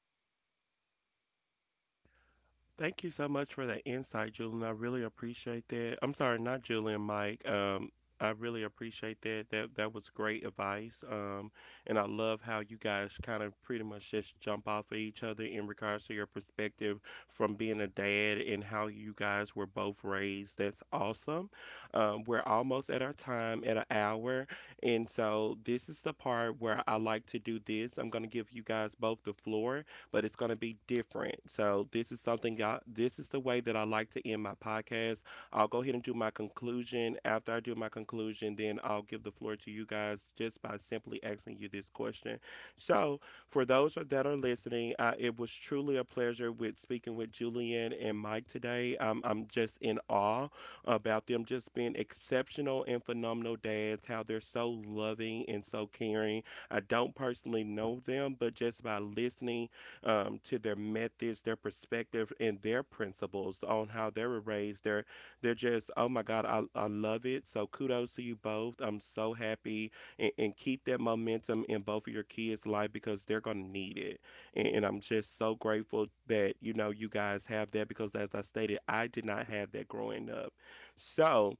[SPEAKER 1] Thank you so much for that insight, Julian. I really appreciate that. I'm sorry, not Julian, Mike. Um, I really appreciate that. That that was great advice. Um, and I love how you guys kind of pretty much just jump off of each other in regards to your perspective from being a dad and how you guys were both raised. That's awesome. Um, we're almost at our time at an hour, and so this is the part where I like to do this. I'm gonna give you guys both the floor, but it's going to be different. So this is something y'all, this is the way that I like to end my podcast. I'll go ahead and do my conclusion. After I do my conclusion, then I'll give the floor to you guys just by simply asking you this question. So for those that are listening, uh, it was truly a pleasure with speaking with Julian and Mike today. Um, I'm just in awe about them just being exceptional and phenomenal dads, how they're so loving and so caring. I don't personally know them, but just by listening um, to their methods, their perspective, and their principles on how they were raised. They're they're just oh my god, I I love it. So kudos to you both. I'm so happy and, and keep that momentum in both of your kids' life because they're gonna need it. And, and I'm just so grateful that you know you guys have that because as I stated, I did not have that growing up. So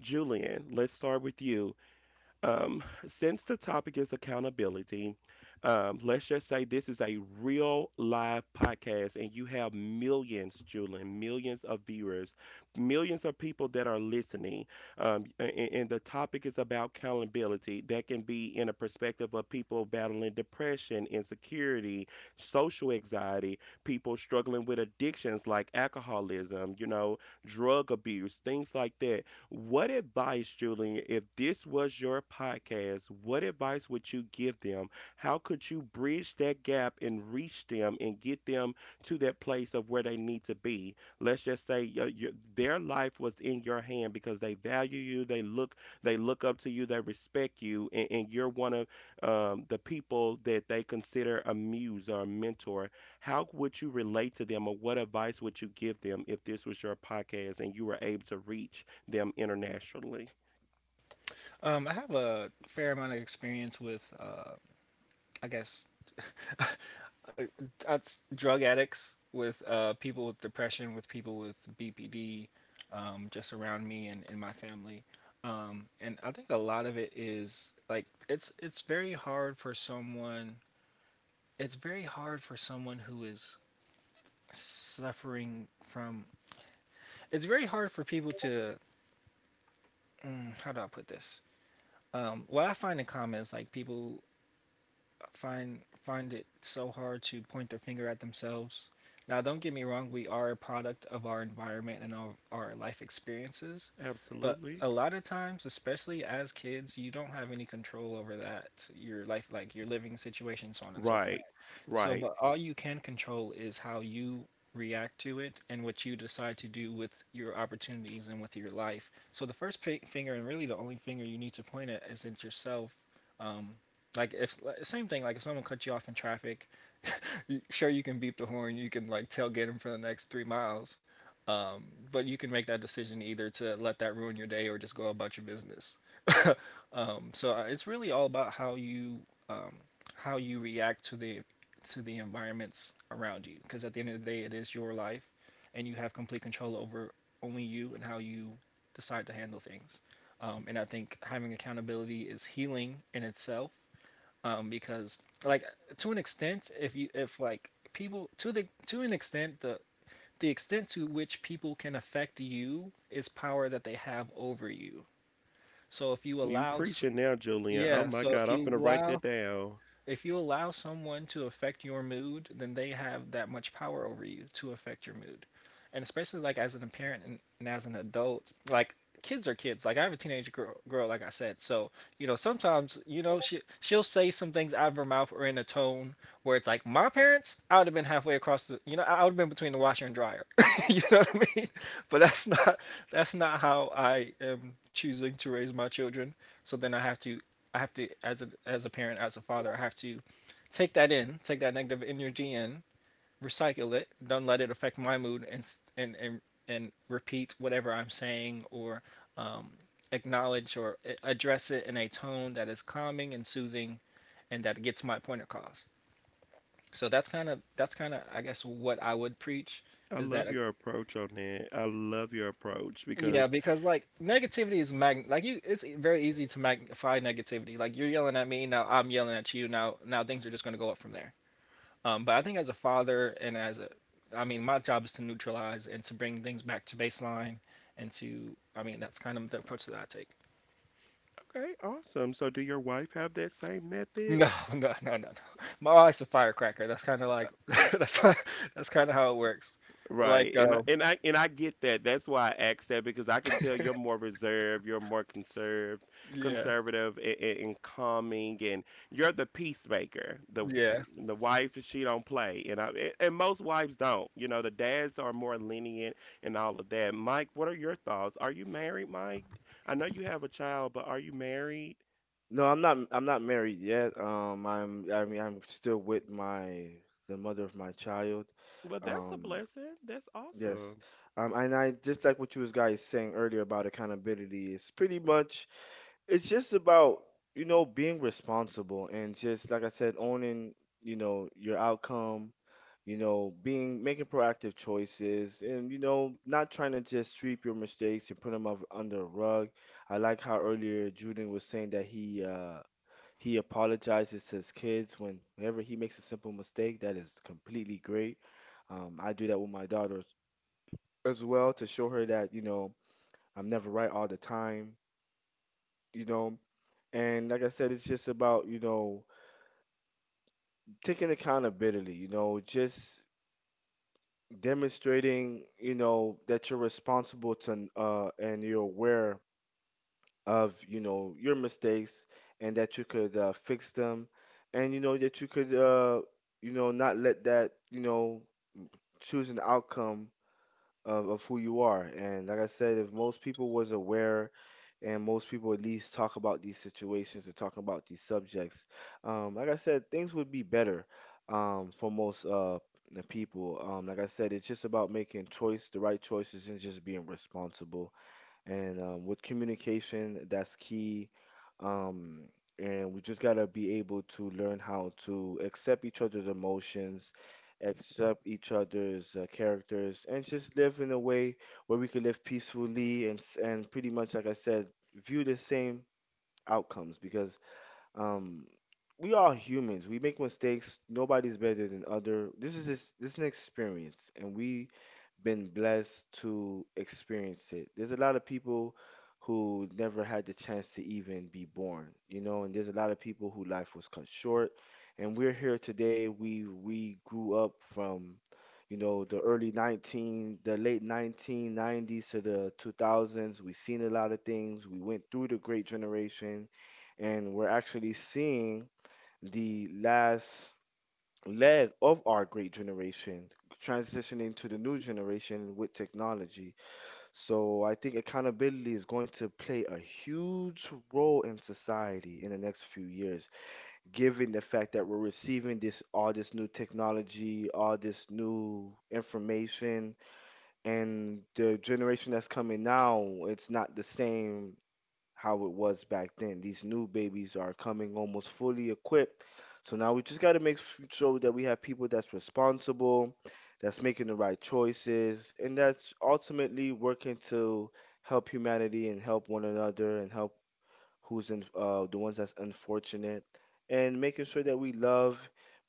[SPEAKER 1] Julian, let's start with you. Um, since the topic is accountability, um, let's just say this is a real live podcast and you have millions, Julian, millions of viewers, millions of people that are listening. Um, and, and the topic is about accountability. That can be in a perspective of people battling depression, insecurity, social anxiety, people struggling with addictions like alcoholism, you know, drug abuse, things like that. What advice, Julian, if this was your podcast, what advice would you give them? How could you bridge that gap and reach them and get them to that place of where they need to be? Let's just say your, your, their life was in your hand because they value you, they look they look up to you, they respect you, and and you're one of um, the people that they consider a muse or a mentor. How would you relate to them, or what advice would you give them if this was your podcast and you were able to reach them internationally?
[SPEAKER 3] Um, I have a fair amount of experience with uh, I guess That's drug addicts with uh, people with depression, with people with B P D, um, just around me and in my family. Um, and I think a lot of it is like it's it's very hard for someone. It's very hard for someone who is suffering from. It's very hard for people to. Mm, how do I put this? Um, what I find in comments, like people find find it so hard to point their finger at themselves. Now, don't get me wrong, we are a product of our environment and our, our life experiences, but
[SPEAKER 1] Absolutely.
[SPEAKER 3] a lot of times, especially as kids, you don't have any control over that, your life, like your living situation, so on and so forth.
[SPEAKER 1] Right.
[SPEAKER 3] So,
[SPEAKER 1] Right.
[SPEAKER 3] but all you can control is how you react to it and what you decide to do with your opportunities and with your life. So, the first pi- finger, and really the only finger you need to point at, is at yourself. Um, like if like, same thing, like if someone cut you off in traffic, sure you can beep the horn, you can like tailgate them for the next three miles, um, but you can make that decision either to let that ruin your day or just go about your business. um, so uh, it's really all about how you um, how you react to the to the environments around you, because at the end of the day, it is your life, and you have complete control over only you and how you decide to handle things. Um, and I think having accountability is healing in itself, um, because like to an extent, if you if like people to the to an extent the the extent to which people can affect you is power that they have over you. So if you
[SPEAKER 1] You
[SPEAKER 3] allow,
[SPEAKER 1] preaching now, Julian. Oh
[SPEAKER 3] yeah,
[SPEAKER 1] my
[SPEAKER 3] so if
[SPEAKER 1] God, I'm
[SPEAKER 3] you
[SPEAKER 1] gonna write that
[SPEAKER 3] allow
[SPEAKER 1] down.
[SPEAKER 3] if you allow someone to affect your mood, then they have that much power over you to affect your mood. And especially like as an parent and, and as an adult, like kids are kids. Like I have a teenage girl, girl, like I said. So you know, sometimes you know she she'll say some things out of her mouth or in a tone where it's like, my parents, I would have been halfway across the, you know, I would have been between the washer and dryer. You know what I mean? But that's not that's not how I am choosing to raise my children. So then I have to I have to, as a as a parent, as a father, I have to take that in, take that negative energy in, recycle it, don't let it affect my mood, and and and, and repeat whatever I'm saying or, um, acknowledge or address it in a tone that is calming and soothing and that gets my point across. So that's kind of that's kind of, I guess, what I would preach
[SPEAKER 1] I
[SPEAKER 3] is that.
[SPEAKER 1] love your approach on that. I love your approach
[SPEAKER 3] Yeah,
[SPEAKER 1] because
[SPEAKER 3] because like negativity is mag, like you, it's very easy to magnify negativity. Like you're yelling at me, now I'm yelling at you, now now things are just going to go up from there. Um, but I think as a father and as a, I mean, my job is to neutralize and to bring things back to baseline and to, I mean, that's kind of the approach that I take.
[SPEAKER 1] okay, awesome. So do your wife have that same method?
[SPEAKER 3] No, no, no, no, no. My wife's a firecracker. That's kind of like that's that's kind of how it works. Like
[SPEAKER 1] Right. And I-
[SPEAKER 3] um
[SPEAKER 1] and I and I get that. That's why I asked that because I can tell you're more reserved, you're more conserved,
[SPEAKER 3] yeah,
[SPEAKER 1] conservative, and, and calming and you're the peacemaker. The
[SPEAKER 3] yeah.
[SPEAKER 1] the wife she don't play and I a- and most wives don't. You know, the dads are more lenient and all of that. Mike, what are your thoughts? Are you married, Mike? I know you have a child, but are you married?
[SPEAKER 2] No, I'm not. I'm not married yet. Um, I'm. I mean, I'm still with my the mother of my child.
[SPEAKER 1] Well, that's a
[SPEAKER 2] Um,
[SPEAKER 1] blessing. That's
[SPEAKER 2] yes.
[SPEAKER 1] awesome.
[SPEAKER 2] Um, and I just like what you was guys saying earlier about accountability. It's pretty much it's just about you know being responsible and just like I said, owning you know your outcome. You know, being making proactive choices and you know not trying to just sweep your mistakes and put them up under a rug. I like how earlier Juden was saying that he uh he apologizes to his kids when whenever he makes a simple mistake. That is completely great. Um, I do that with my daughter as well to show her that you know I'm never right all the time. You know, and like I said, it's just about, you know, taking accountability, you know, just demonstrating, you know, that you're responsible to uh and you're aware of, you know, your mistakes, and that you could uh, fix them, and you know that you could uh you know not let that, you know, choose an outcome of, of who you are. And like I said, if most people was aware and most people at least talk about these situations and talking about these subjects, um, like I said, things would be better, um, for most uh, the people. Um, like I said, it's just about making choice, the right choices, and just being responsible, and um, with communication, that's key. Um, and we just gotta be able to learn how to accept each other's emotions, accept each other's uh, characters, and just live in a way where we can live peacefully and s- and pretty much, like I said, view the same outcomes. Because um, we are humans. We make mistakes. Nobody's better than other. This is this, this is an experience, and we been blessed to experience it. There's a lot of people who never had the chance to even be born, you know, and there's a lot of people who life was cut short. And we're here today. We we grew up from, you know, the early nineteen, the late nineteen nineties to the two thousands. We've seen a lot of things. We went through the great generation, and we're actually seeing the last leg of our great generation transitioning to the new generation with technology. So I think accountability is going to play a huge role in society in the next few years, given the fact that we're receiving this all this new technology, all this new information, and the generation that's coming now, it's not the same how it was back then. These new babies are coming almost fully equipped. So now we just got to make f- sure that we have people that's responsible, that's making the right choices, and that's ultimately working to help humanity and help one another and help who's in uh, the ones that's unfortunate, and making sure that we love,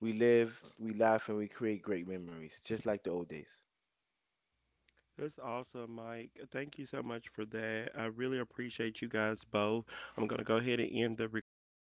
[SPEAKER 2] we live, we laugh, and we create great memories, just like the old days.
[SPEAKER 1] That's awesome, Mike. Thank you so much for that. I really appreciate you guys both. I'm going to go ahead and end the recording.